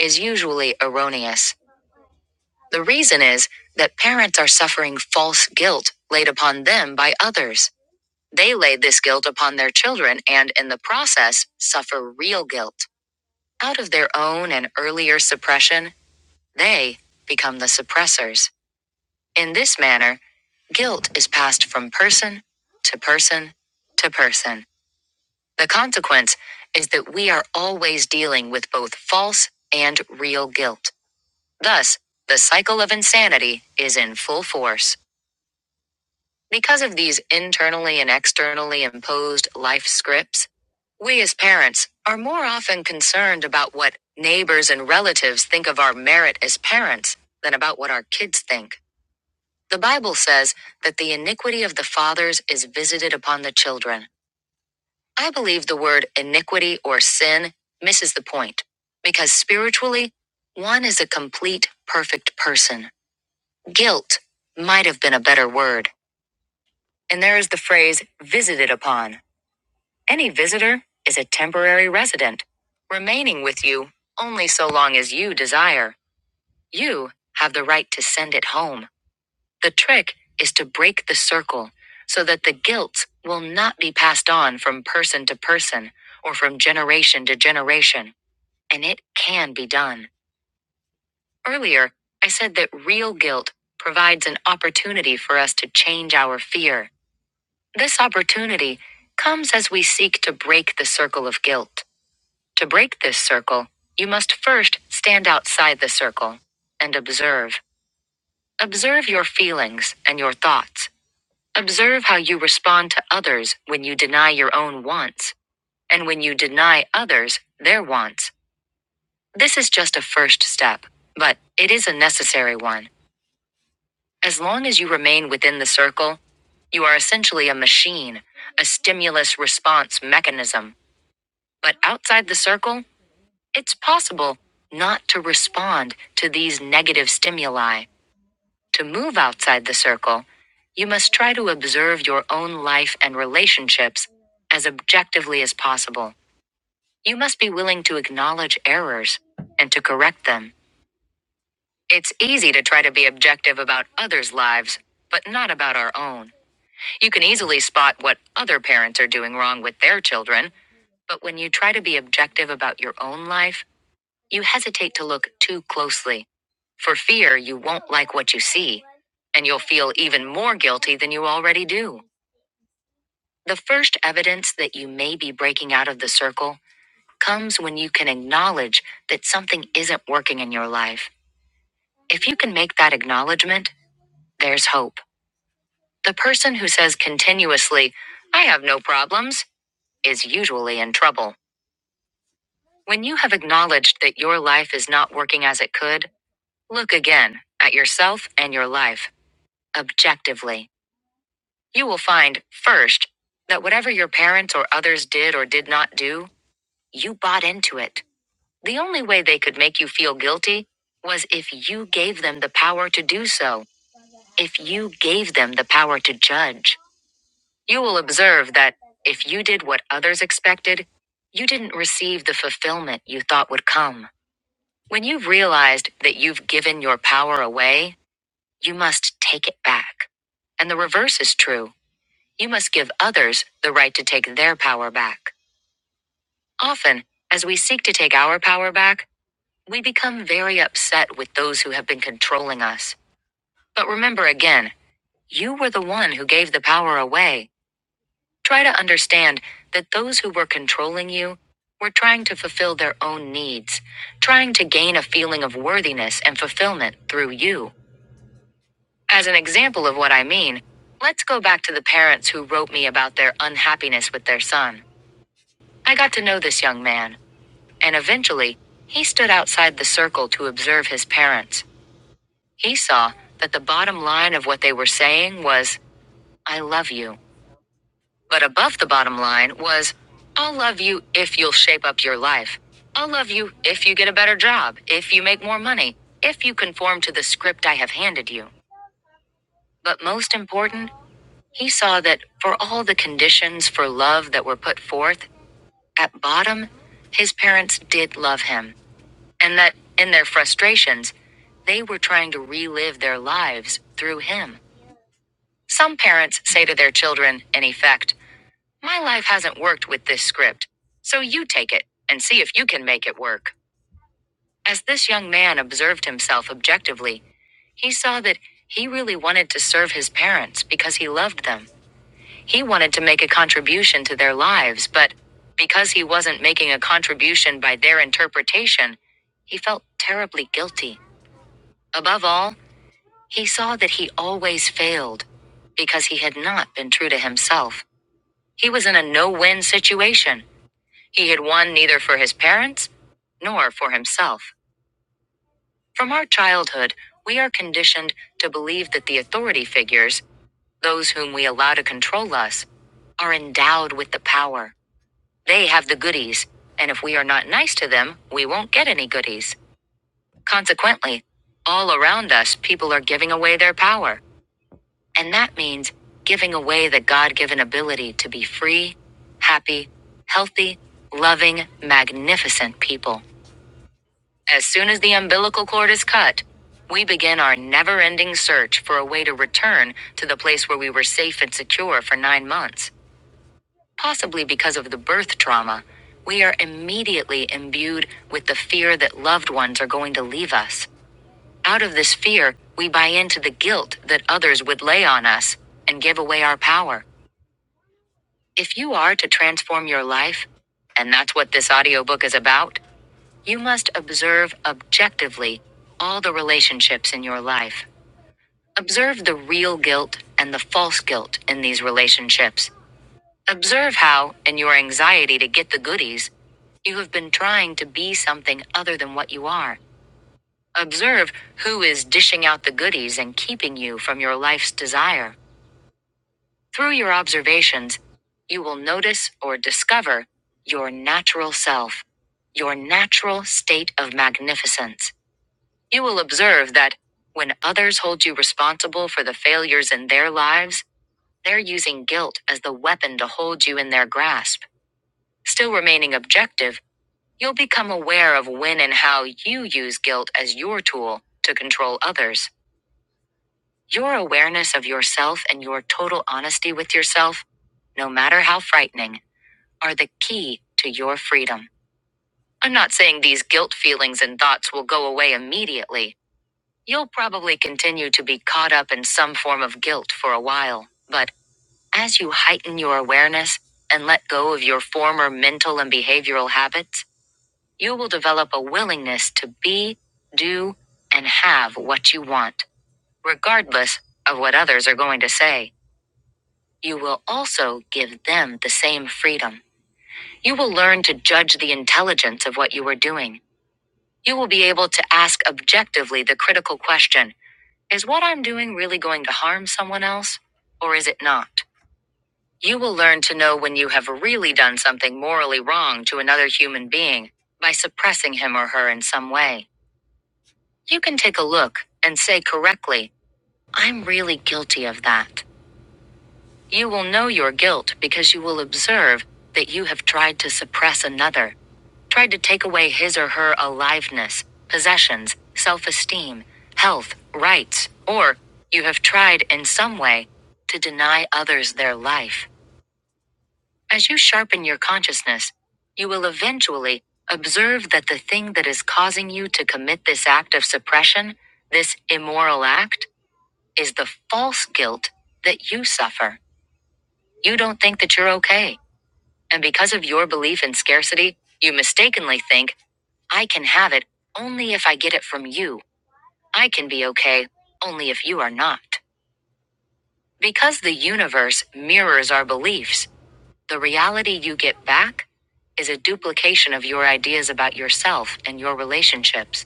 S3: is usually erroneous. The reason is that parents are suffering false guilt laid upon them by others. They lay this guilt upon their children and, in the process, suffer real guilt. Out of their own and earlier suppression, they become the suppressors. In this manner, guilt is passed from person to person to person. The consequence is that we are always dealing with both false and real guilt. Thus, the cycle of insanity is in full force. Because of these internally and externally imposed life scripts, we as parents are more often concerned about what neighbors and relatives think of our merit as parents than about what our kids think. The Bible says that the iniquity of the fathers is visited upon the children. I believe the word iniquity or sin misses the point because spiritually, one is a complete, perfect person. Guilt might have been a better word. And there is the phrase visited upon. Any visitor is a temporary resident, remaining with you only so long as you desire. You have the right to send it home. The trick is to break the circle so that the guilt will not be passed on from person to person or from generation to generation. And it can be done. Earlier, I said that real guilt provides an opportunity for us to change our fear. This opportunity comes as we seek to break the circle of guilt. To break this circle, you must first stand outside the circle and observe. Observe your feelings and your thoughts. Observe how you respond to others when you deny your own wants and when you deny others their wants. This is just a first step, but it is a necessary one. As long as you remain within the circle, you are essentially a machine, a stimulus response mechanism. But outside the circle, It's possible not to respond to these negative stimuli. To move outside the circle, you must try to observe your own life and relationships as objectively as possible. You must be willing to acknowledge errors and to correct them. It's easy to try to be objective about others' lives, but not about our own. You can easily spot what other parents are doing wrong with their children, but when you try to be objective about your own life, You hesitate to look too closely for fear you won't like what you see, and you'll feel even more guilty than you already do. The first evidence that you may be breaking out of the circle comes when you can acknowledge that something isn't working in your life. If you can make that acknowledgement, there's hope. The person who says continuously, I have no problems, is usually in trouble. When you have acknowledged that your life is not working as it could, look again at yourself and your life. objectively. You will find, first, that whatever your parents or others did or did not do, you bought into it. The only way they could make you feel guilty was if you gave them the power to do so, if you gave them the power to judge. You will observe that if you did what others expected, you didn't receive the fulfillment you thought would come. When you've realized that you've given your power away, you must take it back. And the reverse is true. You must give others the right to take their power back. Often, as we seek to take our power back, we become very upset with those who have been controlling us. But remember again, you were the one who gave the power away. Try to understand that those who were controlling you were trying to fulfill their own needs, trying to gain a feeling of worthiness and fulfillment through you. As an example of what I mean, let's go back to the parents who wrote me about their unhappiness with their son. I got to know this young man, and eventually, he stood outside the circle to observe his parents. He saw that the bottom line of what they were saying was, I love you. But above the bottom line was, I'll love you if you'll shape up your life. I'll love you if you get a better job, if you make more money, if you conform to the script I have handed you. But most important, he saw that for all the conditions for love that were put forth, at bottom, his parents did love him. and that, in their frustrations, they were trying to relive their lives through him. Some parents say to their children, in effect, My life hasn't worked with this script, so you take it and see if you can make it work. As this young man observed himself objectively, he saw that he really wanted to serve his parents because he loved them. He wanted to make a contribution to their lives, but because he wasn't making a contribution by their interpretation, he felt terribly guilty. Above all, He saw that he always failed because he had not been true to himself. He was in a no win situation. He had won neither for his parents nor for himself. From our childhood, we are conditioned to believe that the authority figures, those whom we allow to control us, are endowed with the power. They have the goodies, and if we are not nice to them, we won't get any goodies. Consequently, all around us, people are giving away their power. And that means giving away the God given ability to be free, happy, healthy, loving, magnificent people. As soon as the umbilical cord is cut, we begin our never ending search for a way to return to the place where we were safe and secure for nine months. Possibly because of the birth trauma, we are immediately imbued with the fear that loved ones are going to leave us. Out of this fear, we buy into the guilt that others would lay on us and give away our power. If you are to transform your life, and that's what this audiobook is about, you must observe objectively all the relationships in your life. Observe the real guilt and the false guilt in these relationships. Observe how, in your anxiety to get the goodies, you have been trying to be something other than what you are. Observe who is dishing out the goodies and keeping you from your life's desire. Through your observations, you will notice or discover your natural self, your natural state of magnificence. You will observe that when others hold you responsible for the failures in their lives, they're using guilt as the weapon to hold you in their grasp. Still remaining objective, you'll become aware of when and how you use guilt as your tool to control others. Your awareness of yourself and your total honesty with yourself no matter how frightening, are the key to your freedom. I'm not saying these guilt feelings and thoughts will go away immediately. You'll probably continue to be caught up in some form of guilt for a while, but as you heighten your awareness and let go of your former mental and behavioral habits, you will develop a willingness to be, do, and have what you want, regardless of what others are going to say. You will also give them the same freedom. You will learn to judge the intelligence of what you are doing. You will be able to ask objectively the critical question Is what I'm doing really going to harm someone else? Or is it not? You will learn to know when you have really done something morally wrong to another human being by suppressing him or her in some way. You can take a look and say correctly, I'm really guilty of that. You will know your guilt because you will observe that you have tried to suppress another, tried to take away his or her aliveness, possessions, self esteem, health, rights, or you have tried in some way to deny others their life. As you sharpen your consciousness, you will eventually observe that the thing that is causing you to commit this act of suppression, this immoral act, is the false guilt that you suffer. You don't think that you're okay. And because of your belief in scarcity, you mistakenly think, I can have it only if I get it from you. I can be okay only if you are not. Because the universe mirrors our beliefs, the reality you get back is a duplication of your ideas about yourself and your relationships.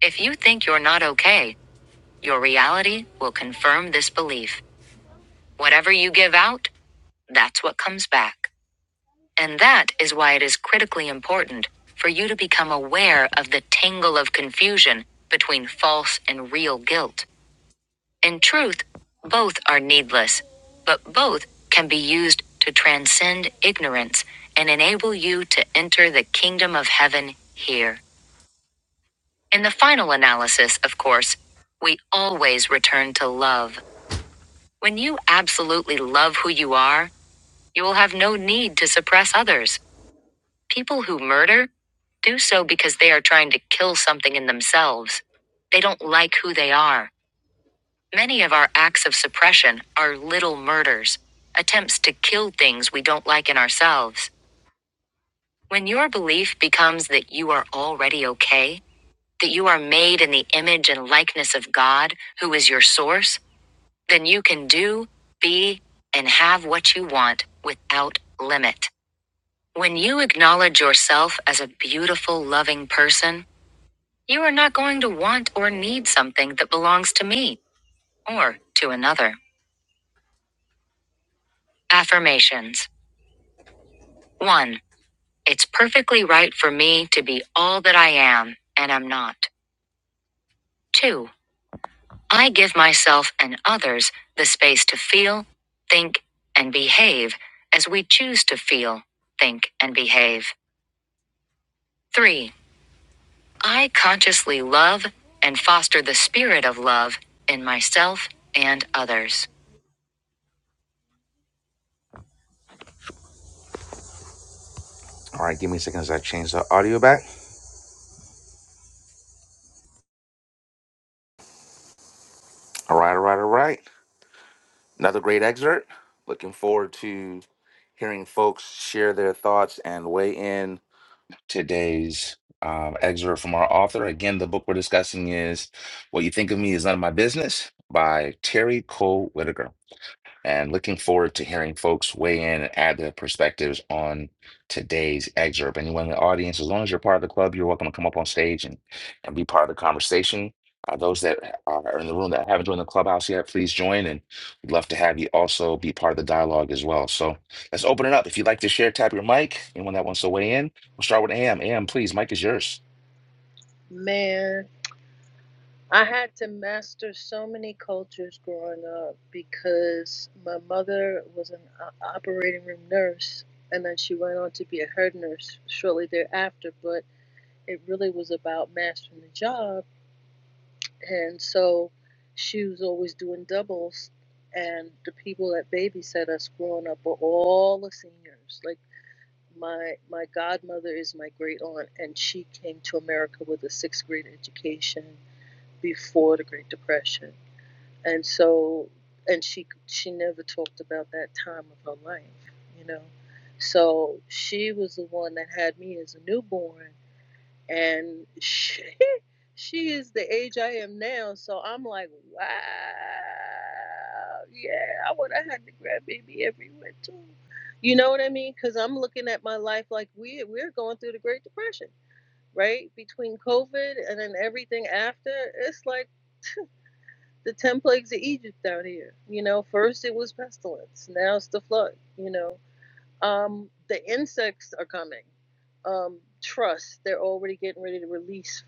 S3: If you think you're not okay, your reality will confirm this belief. Whatever you give out, that's what comes back. And that is why it is critically important for you to become aware of the tangle of confusion between false and real guilt. In truth, both are needless, but both can be used to transcend ignorance and enable you to enter the kingdom of heaven here. In the final analysis, of course, we always return to love. When you absolutely love who you are, you will have no need to suppress others. People who murder do so because they are trying to kill something in themselves. They don't like who they are. Many of our acts of suppression are little murders, attempts to kill things we don't like in ourselves. When your belief becomes that you are already okay, that you are made in the image and likeness of God, who is your source, then you can do, be, and have what you want without limit. When you acknowledge yourself as a beautiful, loving person, You are not going to want or need something that belongs to me or to another. Affirmations. 1. It's perfectly right for me to be all that I am and am not. 2. I give myself and others the space to feel, think, and behave as we choose to feel, think, and behave. 3. I consciously love and foster the spirit of love in myself and others. All right, give me a second as I change the audio back. All right, all right, all right. Another great excerpt. Looking forward to hearing folks share their thoughts and weigh in today's um, excerpt from our author. Again, the book we're discussing is What You Think of Me Is None of My Business by Terry Cole Whitaker and looking forward to hearing folks weigh in and add their perspectives on today's excerpt. Anyone in the audience, as long as you're part of the club, you're welcome to come up on stage and, and be part of the conversation. Uh, those that are in the room that haven't joined the clubhouse yet, please join, and we'd love to have you also be part of the dialogue as well. So let's open it up. If you'd like to share, tap your mic. Anyone that wants to weigh in, we'll start with AM. AM, please, mic is yours.
S10: Man, I had to master so many cultures growing up because my mother was an uh, operating room nurse and then she went on to be a head nurse shortly thereafter, but it really was about mastering the job And so she was always doing doubles. And the people that babysat us growing up were all the seniors. Like my my godmother is my great aunt, and she came to America with a sixth grade education before the Great Depression. And so, and she she never talked about that time of her life, you know. So she was the one that had me as a newborn and she, she is the age I am now. So I'm like, wow, yeah, I would have had to the grandbaby everywhere too. You know what I mean? Because I'm looking at my life like we we're going through the Great Depression, right? Between COVID and then everything after, it's like the ten plagues of Egypt out here. You know, first it was pestilence, now it's the flood. You know, um, the insects are coming um, trust. They're already getting ready to release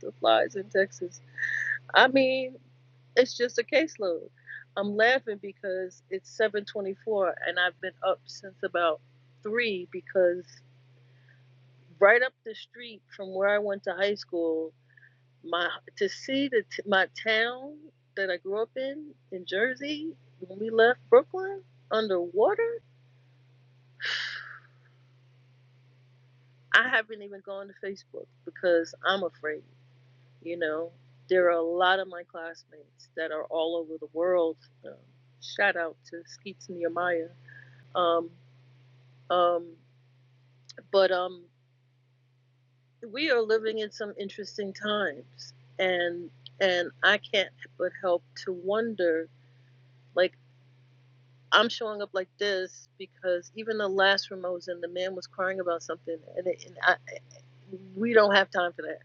S10: the flies in Texas. I mean, it's just a caseload. I'm laughing because it's 7:24 and I've been up since about 3 because right up the street from where I went to high school, my to see the t- my town that I grew up in in Jersey when we left Brooklyn underwater, I haven't even gone to Facebook because I'm afraid. You know, there are a lot of my classmates that are all over the world. Um, shout out to Skeets Nehemiah. Um, um, but um, we are living in some interesting times, and and I can't but help to wonder. Like I'm showing up like this because even the last room I was in, the man was crying about something, and, it, and I, we don't have time for that.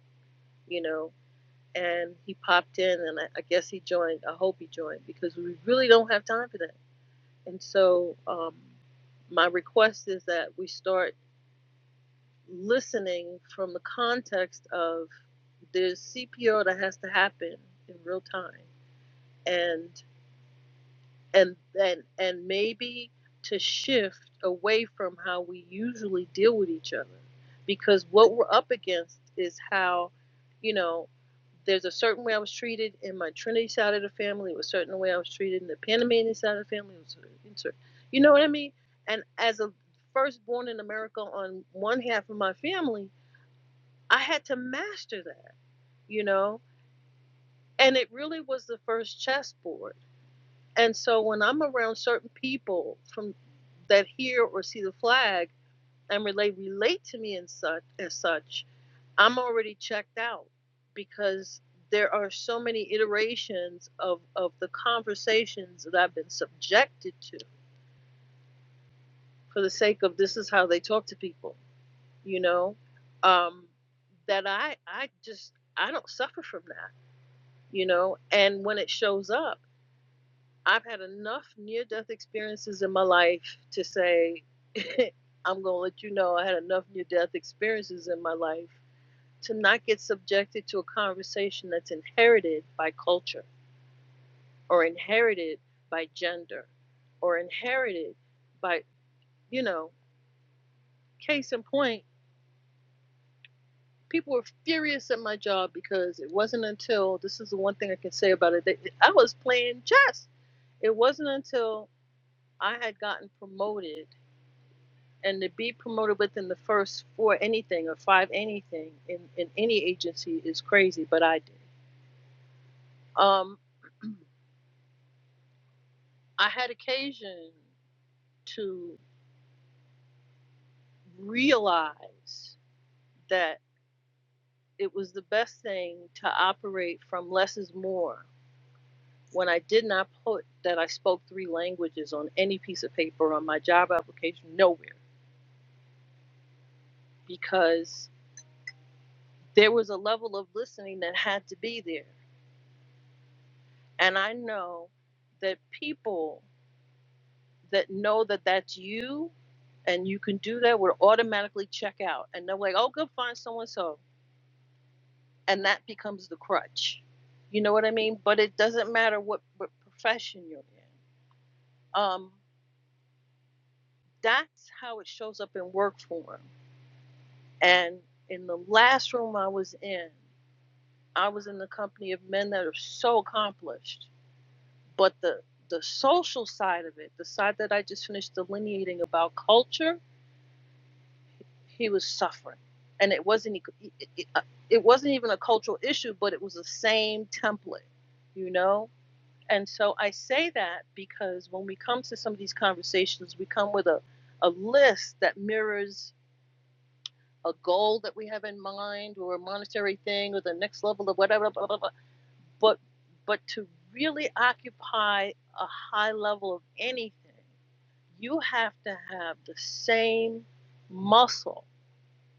S10: You know, and he popped in and I, I guess he joined. I hope he joined because we really don't have time for that. And so um, my request is that we start listening from the context of there's CPR that has to happen in real time. And and and and maybe to shift away from how we usually deal with each other because what we're up against is how you know there's a certain way I was treated in my Trinity side of the family, it was a certain way I was treated in the Panamanian side of the family, it was a certain, you know what I mean? And as a firstborn in America on one half of my family, I had to master that, you know? And it really was the first chessboard and so when I'm around certain people from that hear or see the flag and relate relate to me and such as such, I'm already checked out because there are so many iterations of, of the conversations that I've been subjected to for the sake of this is how they talk to people, you know, um, that I I just I don't suffer from that, you know, and when it shows up. I've had enough near death experiences in my life to say, I'm going to let you know I had enough near death experiences in my life to not get subjected to a conversation that's inherited by culture or inherited by gender or inherited by, you know, case in point, people were furious at my job because it wasn't until, this is the one thing I can say about it, that I was playing chess. It wasn't until I had gotten promoted and to be promoted within the first four anything or five anything in, in any agency is crazy, but I did. Um, I had occasion to realize that it was the best thing to operate from less is more when I did not put that I spoke three languages on any piece of paper on my job application, nowhere, because there was a level of listening that had to be there. And I know that people that know that that's you and you can do that would automatically check out and they're like oh go find so and so and that becomes the crutch you know what i mean but it doesn't matter what, what profession you're in um, that's how it shows up in work form and in the last room i was in i was in the company of men that are so accomplished but the the social side of it the side that i just finished delineating about culture he was suffering and it wasn't e- it, uh, it wasn't even a cultural issue but it was the same template you know and so i say that because when we come to some of these conversations we come with a, a list that mirrors a goal that we have in mind or a monetary thing or the next level of whatever blah, blah, blah. but but to really occupy a high level of anything you have to have the same muscle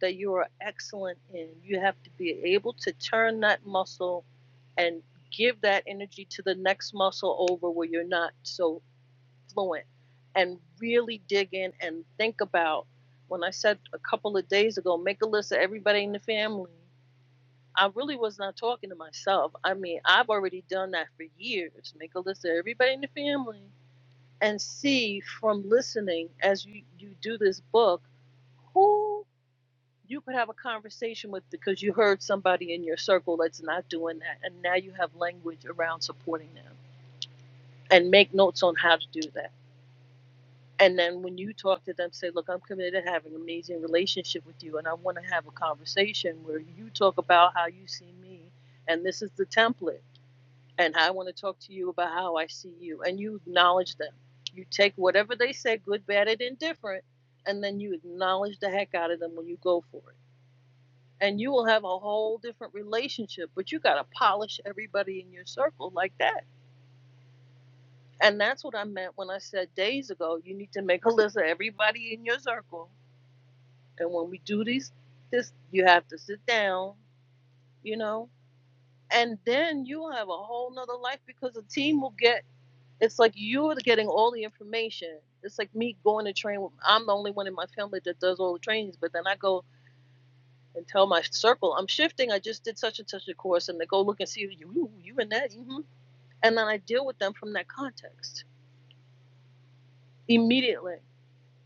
S10: that you are excellent in. You have to be able to turn that muscle and give that energy to the next muscle over where you're not so fluent and really dig in and think about when I said a couple of days ago, make a list of everybody in the family. I really was not talking to myself. I mean, I've already done that for years. Make a list of everybody in the family and see from listening as you, you do this book who you could have a conversation with because you heard somebody in your circle that's not doing that and now you have language around supporting them and make notes on how to do that and then when you talk to them say look i'm committed to having an amazing relationship with you and i want to have a conversation where you talk about how you see me and this is the template and i want to talk to you about how i see you and you acknowledge them you take whatever they say good bad and indifferent and then you acknowledge the heck out of them when you go for it and you will have a whole different relationship but you got to polish everybody in your circle like that and that's what i meant when i said days ago you need to make a list of everybody in your circle and when we do these this you have to sit down you know and then you'll have a whole nother life because the team will get it's like you're getting all the information it's like me going to train i'm the only one in my family that does all the trainings but then i go and tell my circle I'm shifting. I just did such and such a course, and they go look and see you, you, you and that, hmm and then I deal with them from that context immediately,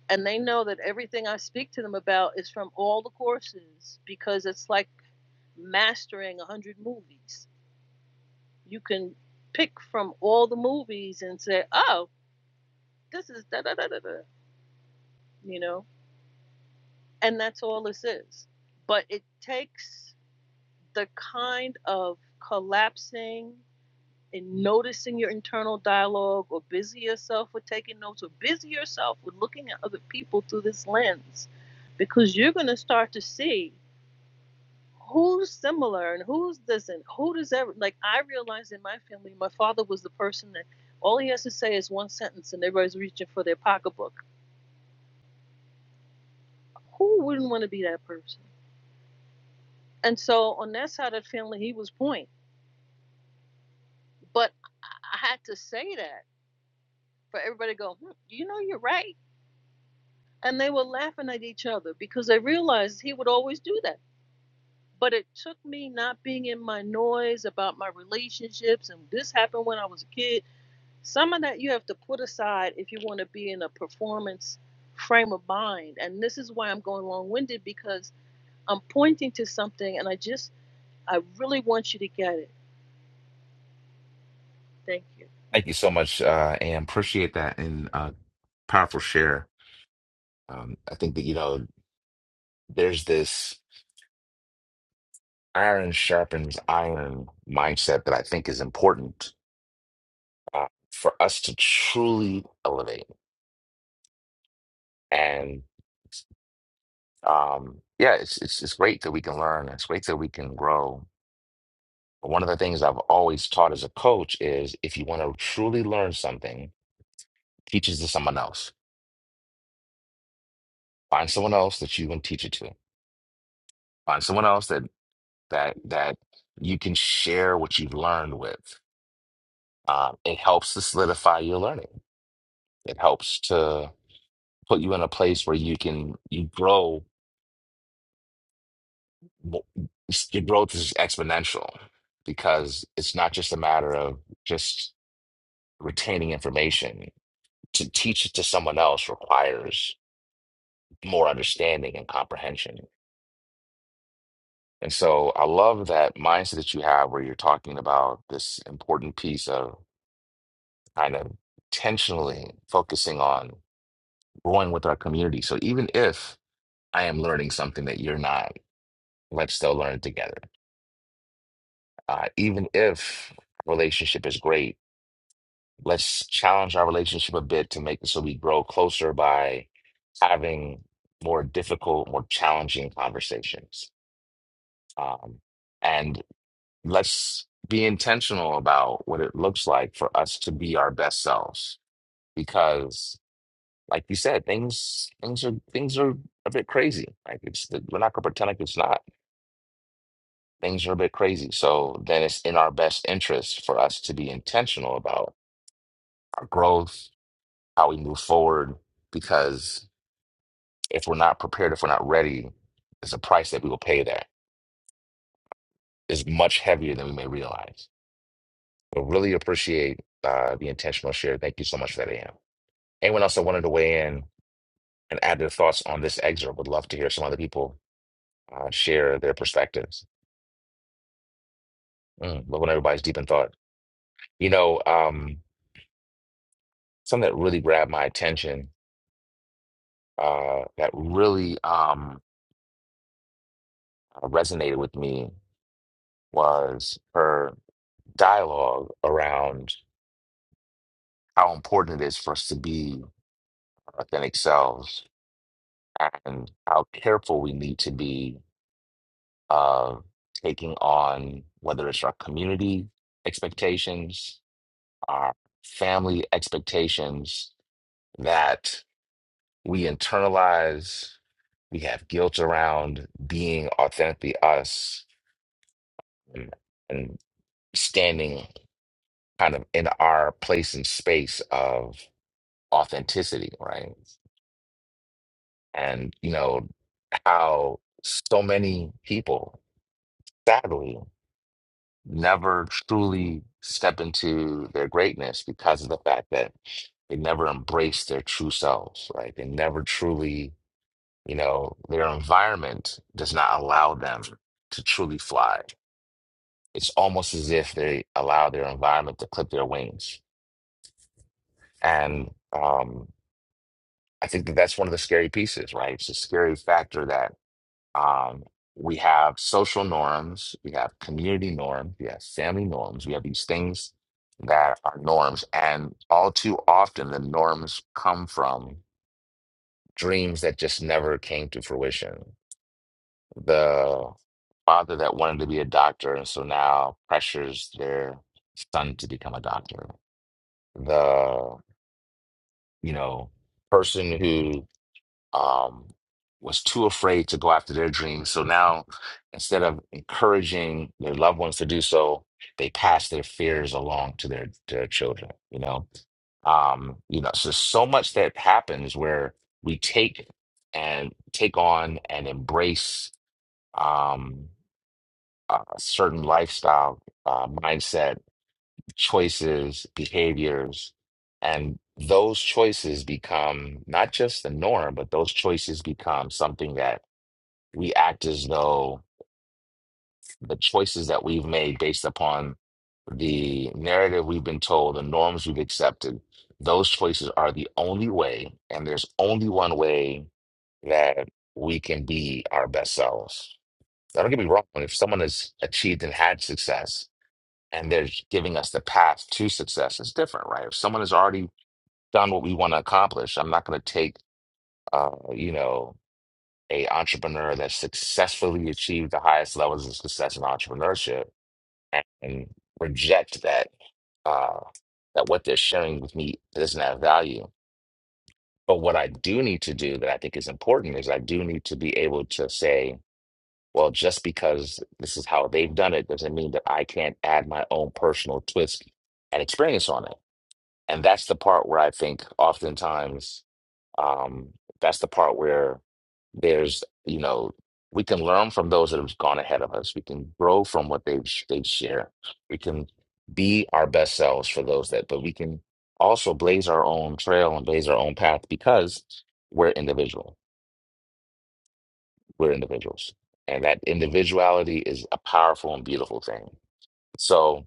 S10: and they know that everything I speak to them about is from all the courses because it's like mastering a hundred movies. You can pick from all the movies and say, oh, this is da da da da da, you know, and that's all this is. But it takes the kind of collapsing in noticing your internal dialogue or busy yourself with taking notes or busy yourself with looking at other people through this lens because you're going to start to see who's similar and who's doesn't who does ever like i realized in my family my father was the person that all he has to say is one sentence and everybody's reaching for their pocketbook who wouldn't want to be that person and so on that side of the family he was point but i had to say that for everybody to go hmm, you know you're right and they were laughing at each other because they realized he would always do that. But it took me not being in my noise about my relationships and this happened when I was a kid. Some of that you have to put aside if you want to be in a performance frame of mind. And this is why I'm going long winded because I'm pointing to something and I just, I really want you to get it. Thank you.
S3: Thank you so much, uh, AM. Appreciate that and uh, powerful share. Um, I think that you know there's this. iron sharpens iron mindset that I think is important uh, for us to truly elevate. And um, yeah, it's, it's it's great that we can learn. It's great that we can grow. But one of the things I've always taught as a coach is if you want to truly learn something, teach it to someone else. Find someone else that you can teach it to. Find someone else that that that you can share what you've learned with. Um, it helps to solidify your learning. It helps to put you in a place where you can you grow mo- your growth is exponential because it's not just a matter of just retaining information to teach it to someone else requires more understanding and comprehension and so i love that mindset that you have where you're talking about this important piece of kind of intentionally focusing on growing with our community so even if i am learning something that you're not let's still learn it together Uh, even if relationship is great, let's challenge our relationship a bit to make it so we grow closer by having more difficult, more challenging conversations. Um, and let's be intentional about what it looks like for us to be our best selves, because, like you said, things things are things are a bit crazy. Like it's we're not gonna pretend like it's not. Things are a bit crazy. So then it's in our best interest for us to be intentional about our growth, how we move forward. Because if we're not prepared, if we're not ready, there's a price that we will pay that is much heavier than we may realize. But really appreciate uh, the intentional share. Thank you so much for that, AM. Anyone else that wanted to weigh in and add their thoughts on this excerpt would love to hear some other people uh, share their perspectives. Mm, love when everybody's deep in thought. You know, um, something that really grabbed my attention, uh, that really um, resonated with me was her. dialogue around how important it is for us to be authentic selves and how careful we need to be of taking on whether it's our community expectations, our family expectations that we internalize, we have guilt around being authentically us and, and standing kind of in our place and space of authenticity, right? and you know how so many people sadly never truly step into their greatness because of the fact that they never embrace their true selves right they never truly you know their environment does not allow them to truly fly it's almost as if they allow their environment to clip their wings and um i think that that's one of the scary pieces right it's a scary factor that. Um, we have social norms, we have community norms, we have family norms, we have these things that are norms. And all too often, the norms come from dreams that just never came to fruition. The father that wanted to be a doctor, and so now pressures their son to become a doctor. The, you know, person who. um, was too afraid to go after their dreams. So now, instead of encouraging their loved ones to do so, they pass their fears along to their their children. You know, um, you know. So so much that happens where we take and take on and embrace um, a certain lifestyle, uh, mindset, choices, behaviors, and those choices become not just the norm, but those choices become something that we act as though the choices that we've made based upon the narrative we've been told, the norms we've accepted, those choices are the only way, and there's only one way that we can be our best selves. Now, don't get me wrong, if someone has achieved and had success and they're giving us the path to success, it's different, right? If someone has already done what we want to accomplish, I'm not going to take, uh, you know, a entrepreneur that successfully achieved the highest levels of success in entrepreneurship and reject that uh, that what they're sharing with me doesn't have value. But what I do need to do that I think is important is I do need to be able to say, well, just because this is how they've done it doesn't mean that I can't add my own personal twist and experience on it. And that's the part where I think oftentimes um, that's the part where there's, you know, we can learn from those that have gone ahead of us. We can grow from what they've they've shared. We can be our best selves for those that, but we can also blaze our own trail and blaze our own path because we're individual. We're individuals. And that individuality is a powerful and beautiful thing. So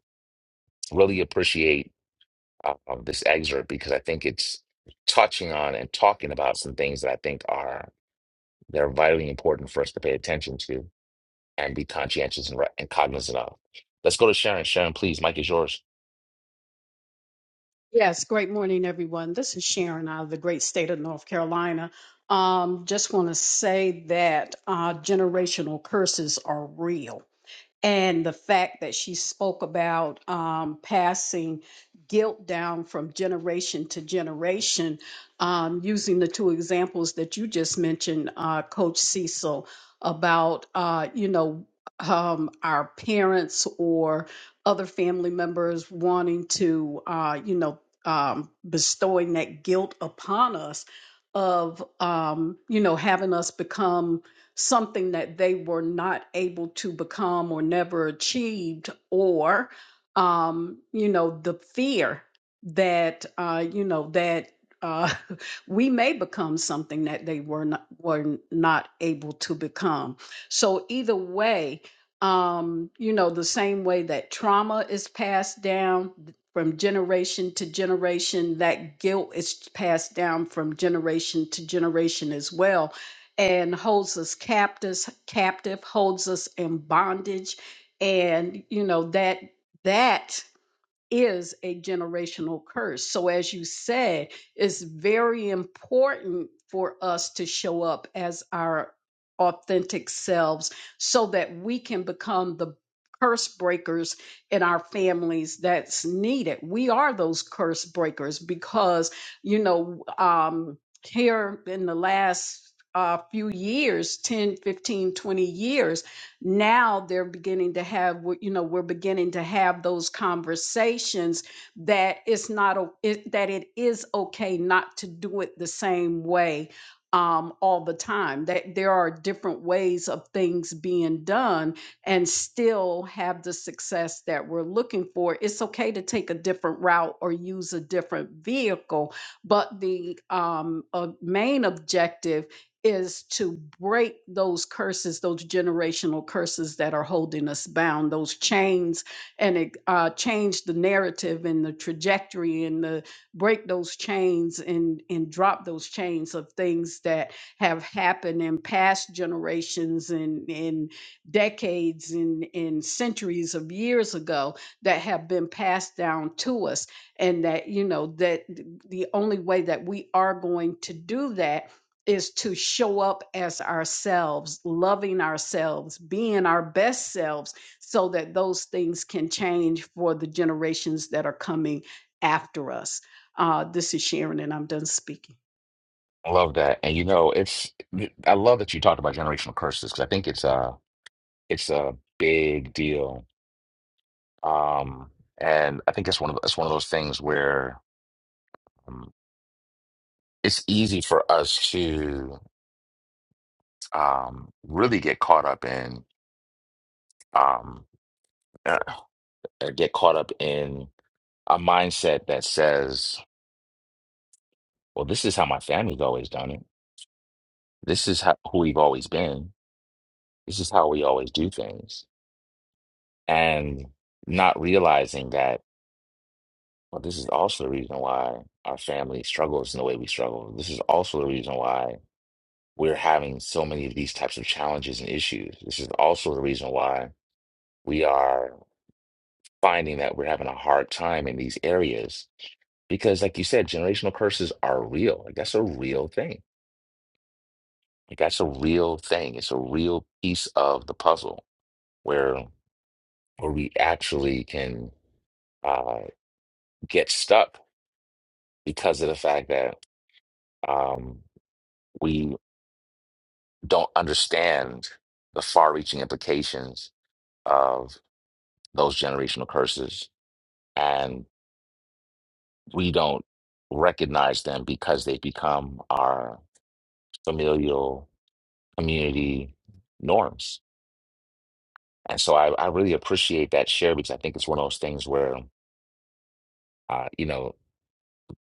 S3: really appreciate uh, this excerpt because I think it's touching on and talking about some things that I think are They're vitally important for us to pay attention to and be conscientious and, re- and cognizant of. Let's go to Sharon. Sharon, please, Mike is yours.
S6: Yes, great morning, everyone. This is Sharon out of the great state of North Carolina. Um, just want to say that uh, generational curses are real and the fact that she spoke about um, passing guilt down from generation to generation, um, using the two examples that you just mentioned, uh, Coach Cecil, about uh, you know um, our parents or other family members wanting to uh, you know um, bestowing that guilt upon us of um, you know having us become something that they were not able to become or never achieved, or, um, you know, the fear that, uh, you know, that. Uh, we may become something that they were not were not able to become. So either way, um, you know, the same way that trauma is passed down from generation to generation, that guilt is passed down from generation to generation as well and holds us captives captive holds us in bondage and you know that that is a generational curse. So, as you said, it's very important for us to show up as our authentic selves so that we can become the curse breakers in our families that's needed. We are those curse breakers because, you know, um, here in the last uh, few years 10, 15, 20 years now they're beginning to have you know we're beginning to have those conversations that it's not o- it, that it is okay not to do it the same way um, all the time that there are different ways of things being done and still have the success that we're looking for it's okay to take a different route or use a different vehicle but the um, uh, main objective is to break those curses, those generational curses that are holding us bound, those chains, and it, uh, change the narrative and the trajectory and the break those chains and and drop those chains of things that have happened in past generations and in decades and in centuries of years ago that have been passed down to us, and that you know that the only way that we are going to do that is to show up as ourselves, loving ourselves, being our best selves, so that those things can change for the generations that are coming after us. Uh, this is Sharon, and I'm done speaking.
S3: I love that. And you know, it's I love that you talked about generational curses because I think it's a it's a big deal. Um, and I think it's one of it's one of those things where um, it's easy for us to um, really get caught up in um, uh, uh, get caught up in a mindset that says, "Well, this is how my family's always done it." This is how, who we've always been. This is how we always do things. And not realizing that, well, this is also the reason why our family struggles in the way we struggle. This is also the reason why we're having so many of these types of challenges and issues. This is also the reason why we are finding that we're having a hard time in these areas. Because, like you said, generational curses are real. Like, that's a real thing. Like, that's a real thing. It's a real piece of the puzzle where where we actually can uh, get stuck because of the fact that um, we don't understand the far-reaching implications of those generational curses, and we don't recognize them because they become our familial community norms. And so I, I really appreciate that share because I think it's one of those things where uh, you know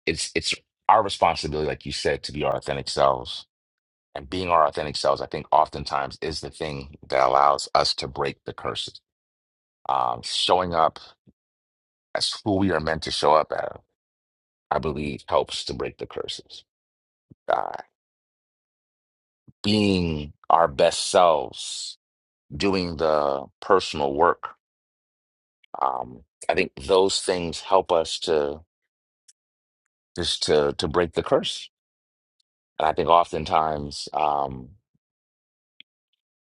S3: it's it's our responsibility, like you said, to be our authentic selves and being our authentic selves, I think oftentimes is the thing that allows us to break the curses. Um, showing up as who we are meant to show up as, I believe, helps to break the curses. Uh, being our best selves, doing the personal work, um, I think those things help us to just to to break the curse. And I think oftentimes, um,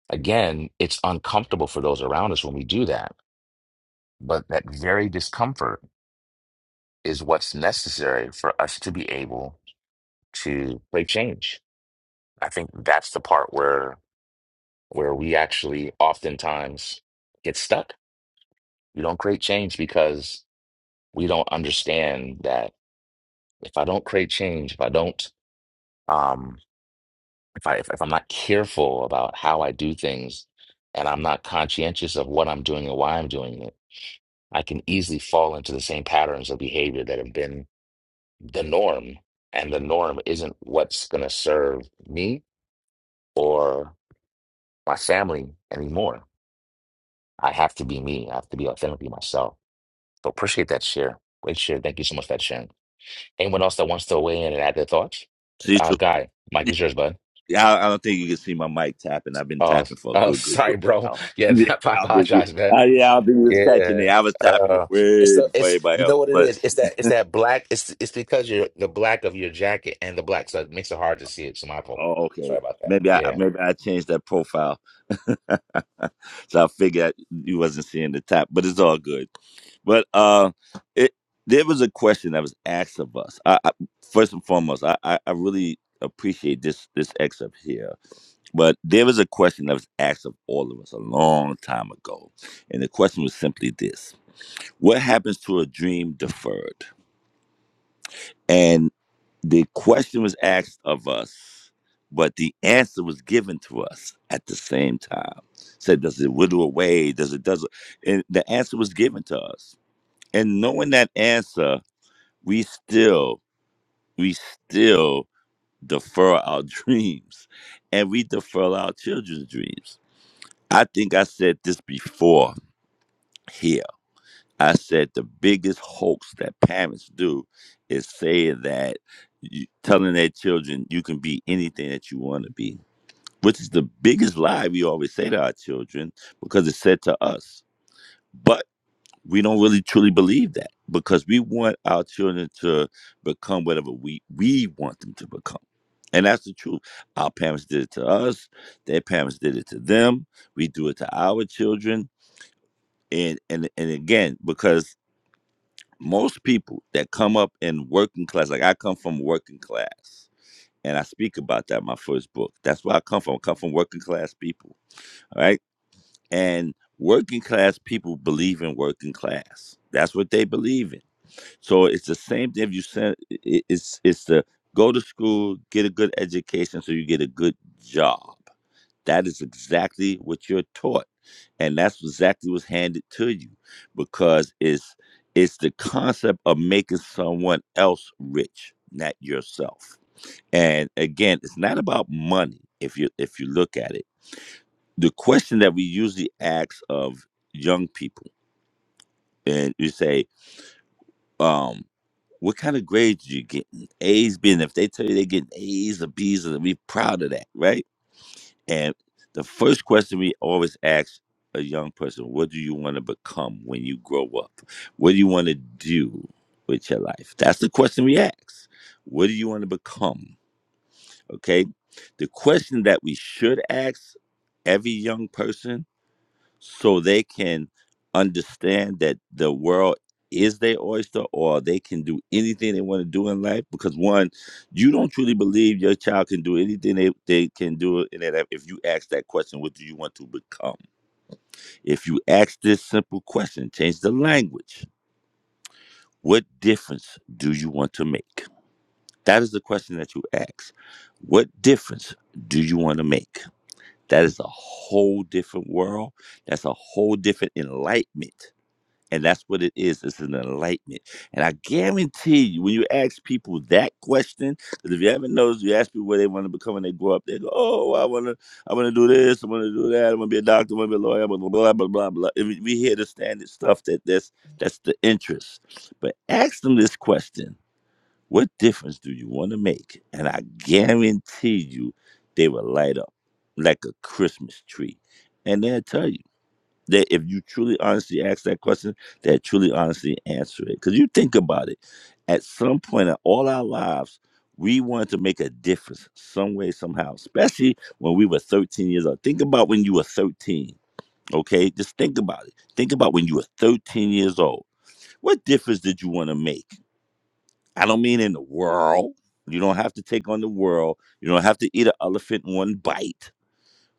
S3: again, it's uncomfortable for those around us when we do that. But that very discomfort is what's necessary for us to be able to create change. I think that's the part where where we actually oftentimes get stuck. We don't create change because we don't understand that if I don't create change, if I don't um if I if, if I'm not careful about how I do things and I'm not conscientious of what I'm doing and why I'm doing it, I can easily fall into the same patterns of behavior that have been the norm, and the norm isn't what's going to serve me or my family anymore. I have to be me. I have to be authentically myself. So appreciate that share. Great share. Thank you so much for that sharing. Anyone else that wants to weigh in and add their thoughts? Uh,
S7: Cecil.
S3: Guy, Mike is yours, bud.
S7: Yeah, I, I don't think you can see my mic tapping. I've been
S3: Oh,
S7: tapping for a
S3: oh,
S7: good, good,
S3: sorry,
S7: good
S3: bro.
S7: while.
S3: Yeah,
S7: yeah,
S3: I
S7: I don't think you.
S3: apologize, man.
S7: I, yeah, I don't think you was catching it.
S3: Yeah.
S7: I was tapping
S3: Uh, it's
S7: way
S3: the
S7: before
S3: it's
S7: everybody
S3: you
S7: else.
S3: know what it
S7: But
S3: is. It's that it's that black. It's it's because you're the black of your jacket and the black, so it makes it hard to see it. So my fault.
S7: oh,
S3: Sorry
S7: okay,
S3: about that.
S7: maybe I
S3: Yeah.
S7: maybe I changed that profile, so I figured you wasn't seeing the tap. But it's all good. But uh, it there was a question that was asked of us. I, I first and foremost, I, I I really appreciate this this excerpt here But there was a question that was asked of all of us a long time ago. And the question was simply this What happens to a dream deferred? And the question was asked of us, but the answer was given to us at the same time. Said, does it wither away? Does it, does it? And the answer was given to us. And knowing that answer, we still, we still defer our dreams and we defer our children's dreams I think I said this before here. I said the biggest hoax that parents do is saying that you, telling their children you can be anything that you want to be, which is the biggest lie we always say to our children because it's said to us. But we don't really truly believe that because we want our children to become whatever we we want them to become. And that's the truth. Our parents did it to us. Their parents did it to them. We do it to our children and and and again because most people that come up in working class like i come from working class and i speak about that in my first book that's where i come from i come from working class people all right and working class people believe in working class that's what they believe in so it's the same thing if you send i- it's it's the go to school get a good education so you get a good job that is exactly what you're taught. And that's exactly what's handed to you because it's it's the concept of making someone else rich, not yourself. And again, it's not about money if you if you look at it. The question that we usually ask of young people, and you say, um, what kind of grades do you get? A's being if they tell you they're getting A's or B's, and we proud of that, right? And the first question we always ask a young person, what do you want to become when you grow up? What do you want to do with your life? That's the question we ask. What do you want to become? Okay. The question that we should ask every young person so they can understand that the world is their oyster or they can do anything they want to do in life because one you don't truly believe your child can do anything they, they can do in their life if you ask that question what do you want to become if you ask this simple question change the language what difference do you want to make that is the question that you ask what difference do you want to make that is a whole different world that's a whole different enlightenment And that's what it is. It's an enlightenment. And I guarantee you, when you ask people that question, because if you haven't noticed, you ask people what they want to become when they grow up, they go, Oh, I wanna I wanna do this, I wanna do that, I wanna be a doctor, I wanna be a lawyer, blah blah blah blah blah blah. And We we hear the standard stuff that that's that's the interest. But ask them this question, what difference do you want to make? And I guarantee you they will light up like a Christmas tree. And they'll tell you that if you truly honestly ask that question, that truly honestly answer it. Because you think about it, at some point in all our lives, we wanted to make a difference some way, somehow, especially when we were 13 years old. Think about when you were 13, okay? Just think about it. Think about when you were 13 years old. What difference did you want to make? I don't mean in the world. You don't have to take on the world. You don't have to eat an elephant in one bite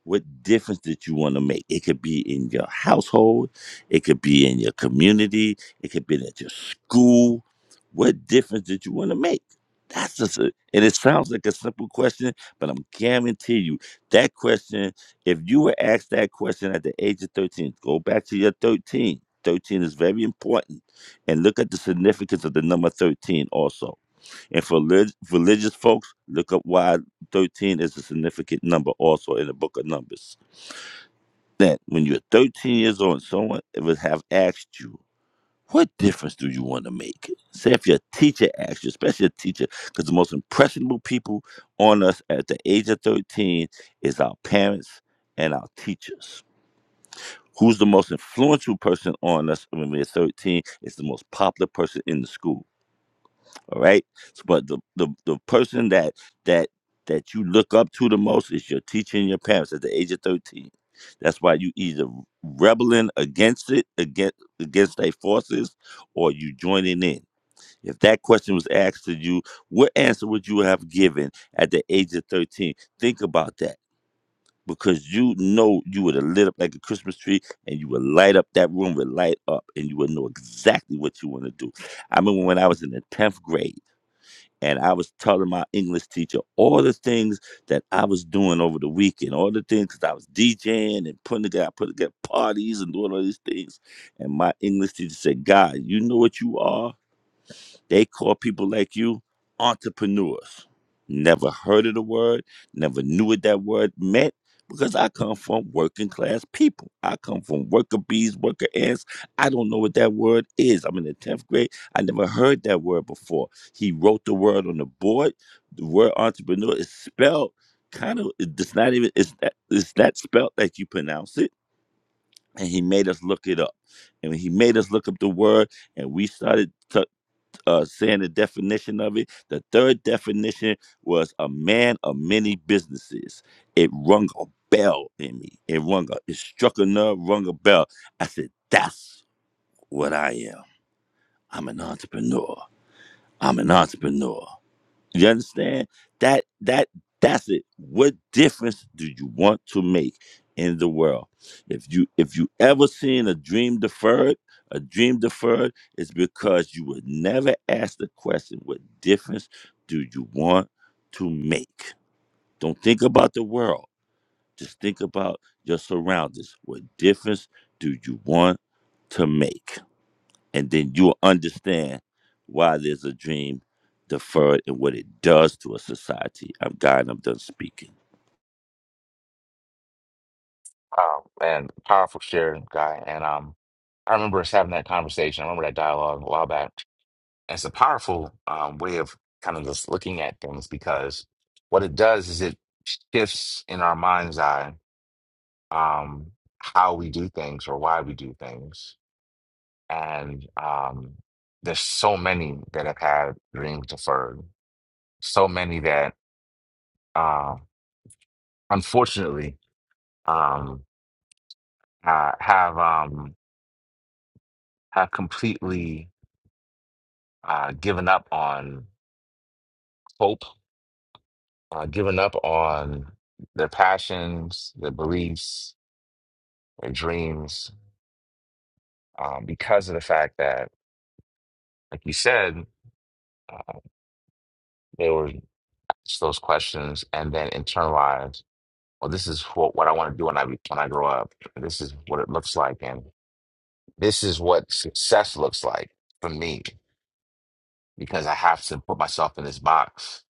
S7: what difference that you want to make. It could be in your household, it could be in your community, it could be at your school. What difference did you want to make? That's just a, and it sounds like a simple question, but I'm guarantee you that question, if you were asked that question at the age of 13, go back to your 13. 13 is very important. And look at the significance of the number 13 also and for relig- religious folks, look up why 13 is a significant number also in the book of Numbers. That when you're 13 years old and someone would have asked you, what difference do you want to make? Say if your teacher asks you, especially a teacher, because the most impressionable people on us at the age of 13 is our parents and our teachers. Who's the most influential person on us when we're 13 is the most popular person in the school All right. So, but the, the the person that that that you look up to the most is your teacher and your parents at the age of thirteen. That's why you either rebelling against it, against against their forces, or you joining in. If that question was asked to you, what answer would you have given at the age of thirteen? Think about that. Because you know you would have lit up like a Christmas tree and you would light up that room would light up and you would know exactly what you want to do. I remember when I was in the 10th grade and I was telling my English teacher all the things that I was doing over the weekend, all the things because I was DJing and putting together, putting together parties and doing all these things. And my English teacher said, "God, you know what you are." They call people like you entrepreneurs. Never heard of the word, never knew what that word meant, because I come from working class people. I come from worker bees, worker ants. I don't know what that word is. I'm in the 10th grade. I never heard that word before. He wrote the word on the board. The word entrepreneur is spelled kind of, it's not even, it's that, it's that spelled like you pronounce it. And he made us look it up. And he made us look up the word, and we started. t- uh, saying the definition of it. The third definition was a man of many businesses. It rung a bell in me. It rung a, it struck a nerve, rung a bell. I said, that's what I am. I'm an entrepreneur. I'm an entrepreneur. You understand? That that that's it. What difference do you want to make in the world? If you if you ever seen a dream deferred, a dream deferred is because you would never ask the question, what difference do you want to make? Don't think about the world. Just think about your surroundings. What difference do you want to make? and then you'll understand why there's a dream deferred and what it does to a society. I'm God, and I'm done speaking.
S3: Um, and powerful share guy. And um, I remember us having that conversation. I remember that dialogue a while back. And it's a powerful um, way of kind of just looking at things because what it does is it shifts in our mind's eye um, how we do things or why we do things. And um, there's so many that have had dreams deferred, so many that uh, unfortunately um, uh, have um, have completely uh, giving up on hope, uh, giving up on their passions, their beliefs, their dreams, um, because of the fact that, like you said, uh, they were asked those questions and then internalized, well, this is what, what I want to do when I, be- when I grow up. This is what it looks like. And this is what success looks like for me because I have to put myself in this box.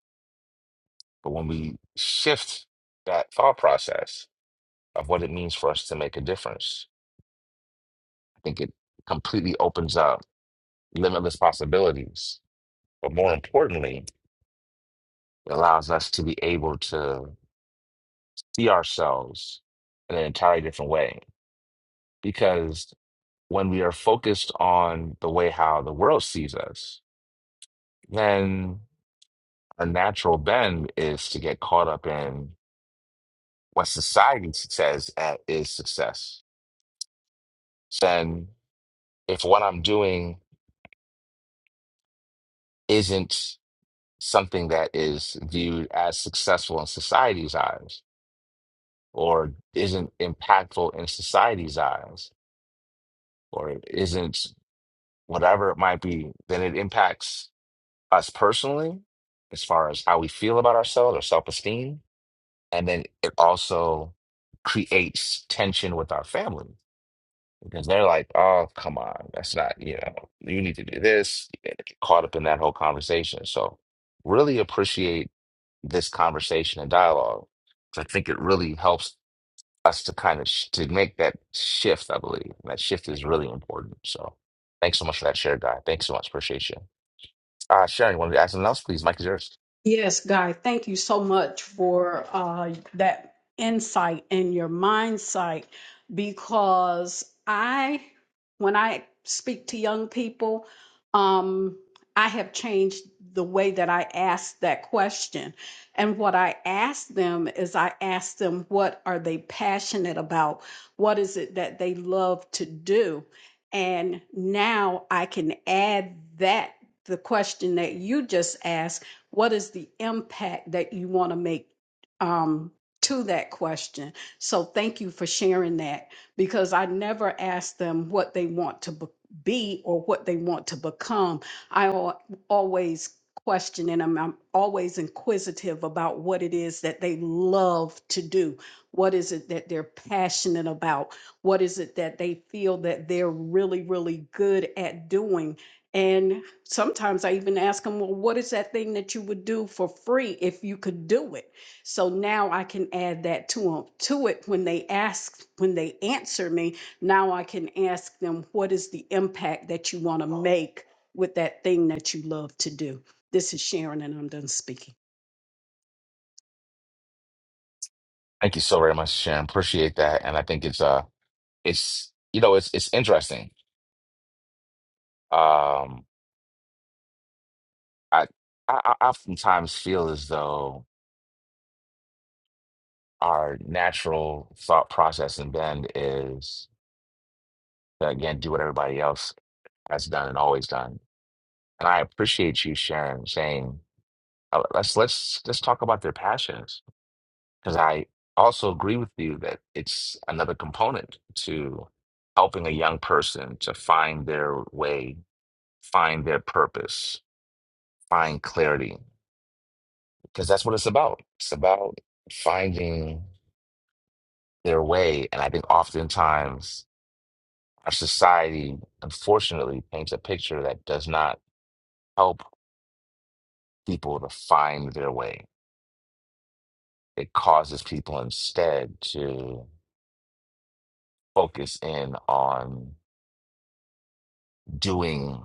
S3: But when we shift that thought process of what it means for us to make a difference, think it completely opens up limitless possibilities. But more importantly, it allows us to be able to see ourselves in an entirely different way. Because when we are focused on the way how the world sees us, then a natural bend is to get caught up in what society says uh, is success. Then, if what I'm doing isn't something that is viewed as successful in society's eyes, or isn't impactful in society's eyes or isn't whatever it might be, then it impacts us personally as far as how we feel about ourselves or self esteem. And then it also creates tension with our family because they're like, oh, come on, that's not, you know, you need to do this. You get caught up in that whole conversation. So, really appreciate this conversation and dialogue. 'cause I think it really helps us to kind of sh to make that shift, I believe. that shift is really important. So thanks so much for that share, guy. Thanks so much. Appreciate you. Uh Sharon, you wanted to add something else, please? Mike is yours.
S6: Yes, Guy, thank you so much for uh, that insight and your mind sight because I, when I speak to young people, um, I have changed the way that I ask that question. And what I ask them is I ask them, what are they passionate about? What is it that they love to do? And now I can add that, the question that you just asked what is the impact that you want to make um, to that question? So thank you for sharing that because I never ask them what they want to be be or what they want to become. I al- always question and I'm, I'm always inquisitive about what it is that they love to do. What is it that they're passionate about? What is it that they feel that they're really, really good at doing? And sometimes I even ask them, well, what is that thing that you would do for free if you could do it? So now I can add that to 'em- to it when they ask, when they answer me. Now I can ask them, what is the impact that you want to make with that thing that you love to do? This is Sharon, and I'm done speaking.
S3: Thank you so very much, Sharon. Appreciate that. And I think it's uh it's you know, it's it's interesting. Um I I, I oftentimes feel as though our natural thought process and bend is to again do what everybody else has done and always done. And I appreciate you, Sharon, saying uh, let's let's let's talk about their passions because I also agree with you that it's another component to helping a young person to find their way, find their purpose, find clarity, because that's what it's about. It's about finding their way. And I think oftentimes our society, unfortunately, paints a picture that does not help people to find their way. It causes people instead to focus in on doing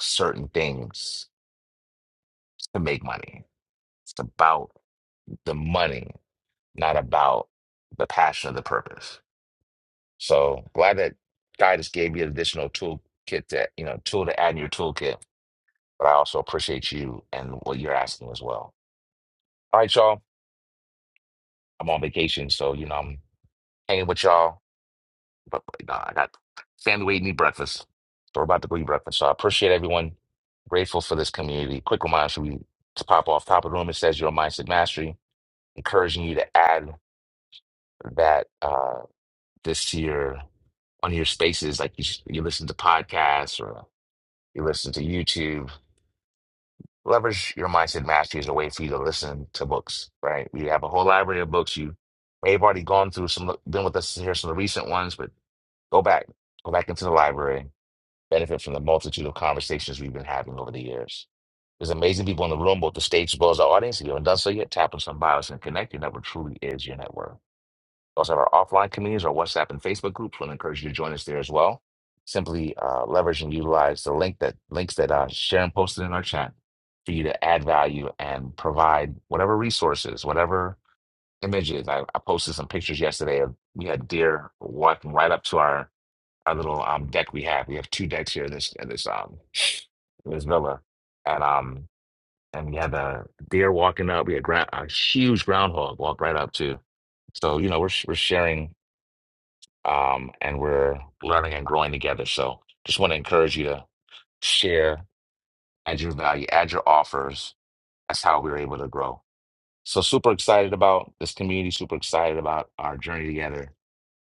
S3: certain things to make money. It's about the money, not about the passion or the purpose. So glad that God just gave you an additional toolkit to, you know, tool to add in your toolkit. But I also appreciate you and what you're asking as well. All right, y'all. I'm on vacation, so you know I'm hanging with y'all. But but, no, I got family waiting to eat breakfast. So we're about to go eat breakfast. So I appreciate everyone. Grateful for this community. Quick reminder, should we to pop off top of the room. It says your mindset mastery, encouraging you to add that uh, this year on your spaces, like you, you listen to podcasts or you listen to YouTube, leverage your mindset mastery as a way for you to listen to books, right? We have a whole library of books. You may have already gone through some, been with us here, some of the recent ones, but go back, go back into the library, benefit from the multitude of conversations we've been having over the years. There's amazing people in the room, both the stage as well as the audience. If you haven't done so yet, tap on some bios and connect. Your network truly is your network. We also have our offline communities, our WhatsApp and Facebook groups. We'll encourage you to join us there as well. Simply uh, leverage and utilize the link that links that uh, Sharon posted in our chat for you to add value and provide whatever resources, whatever images. I, I posted some pictures yesterday of we had deer walking right up to our our little um, deck we have. We have two decks here in this in this um in this villa, and um and we had a deer walking up. We had gra- a huge groundhog walk right up to. So you know we're sh- we're sharing um, and we're learning and growing together. So just want to encourage you to share, add your value, add your offers. That's how we're able to grow. So super excited about this community, super excited about our journey together,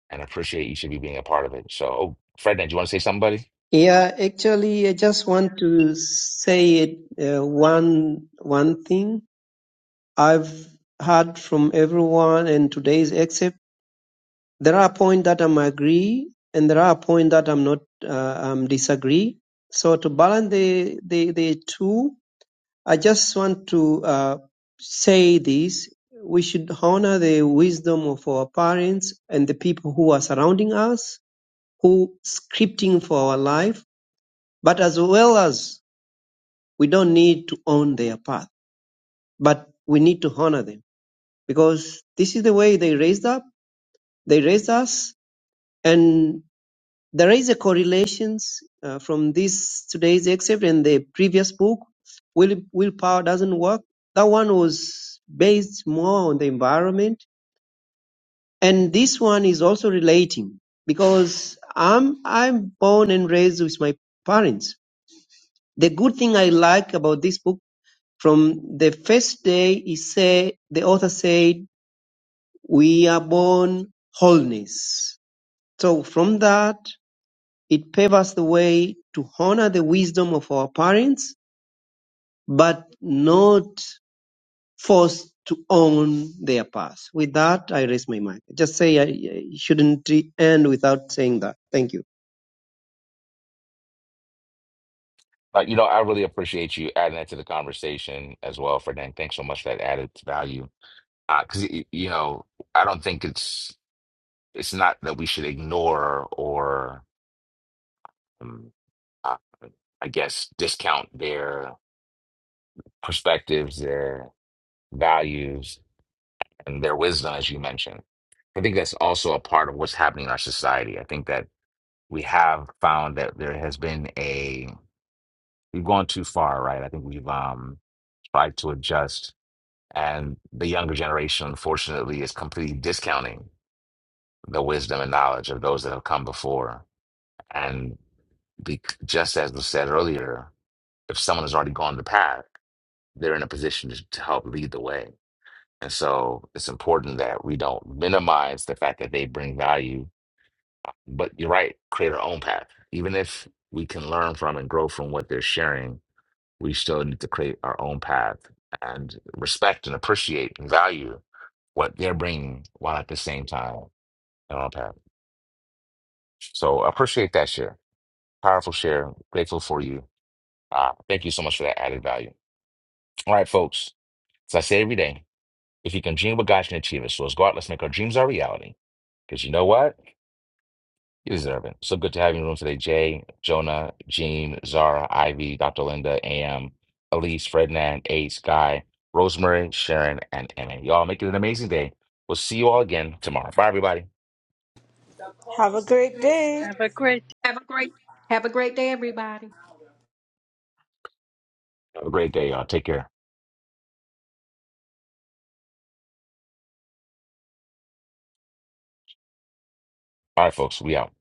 S3: and appreciate each of you being a part of it. So, oh, Ferdinand, do you want to say something, buddy?
S9: Yeah, actually, I just want to say it, uh, one one thing. I've heard from everyone and today's except there are points that I'm agree and there are points that I'm not uh, um disagree. So to balance the the, the two, I just want to uh, say this. We should honor the wisdom of our parents and the people who are surrounding us, who scripting for our life, but as well as we don't need to own their path, but we need to honor them because this is the way they raised up They raised us, and there is a correlations uh, from this today's excerpt and the previous book. Will willpower doesn't work. That one was based more on the environment, and this one is also relating because I'm I'm born and raised with my parents. The good thing I like about this book from the first day is say the author said we are born wholeness. So from that It paves the way to honor the wisdom of our parents, but not forced to own their past. With that, I raise my mic. Just say I I shouldn't end without saying that. Thank you.
S3: Like, you know, I really appreciate you adding that to the conversation as well, Ferdinand. Thanks so much for that added value. Because, you know, I don't think it's it's not that we should ignore or. um, uh, I guess, discount their perspectives, their values, and their wisdom, as you mentioned. I think that's also a part of what's happening in our society. I think that we have found that there has been a, we've gone too far, right? I think we've um, tried to adjust, and the younger generation, unfortunately, is completely discounting the wisdom and knowledge of those that have come before. And be, just as was said earlier, if someone has already gone the path, they're in a position to, to help lead the way. And so it's important that we don't minimize the fact that they bring value. But you're right, create our own path. Even if we can learn from and grow from what they're sharing, we still need to create our own path and respect and appreciate and value what they're bringing while at the same time our own path. So I appreciate that share. Powerful share. Grateful for you. Uh, thank you so much for that added value. All right, folks. As I say every day. If you can dream what God can achieve it. So let's go out, let's make our dreams our reality. Because you know what? You deserve it. So good to have you in the room today, Jay, Jonah, Jean, Zara, Ivy, Dr. Linda, AM, Elise, Ferdinand, Ace, Guy, Rosemary, Sharon, and Emma. Y'all make it an amazing day. We'll see you all again tomorrow. Bye, everybody.
S5: Have a great day.
S10: Have a great
S6: Have a great have a great day, everybody.
S3: Have a great day, y'all. Take care. All right, folks, we out.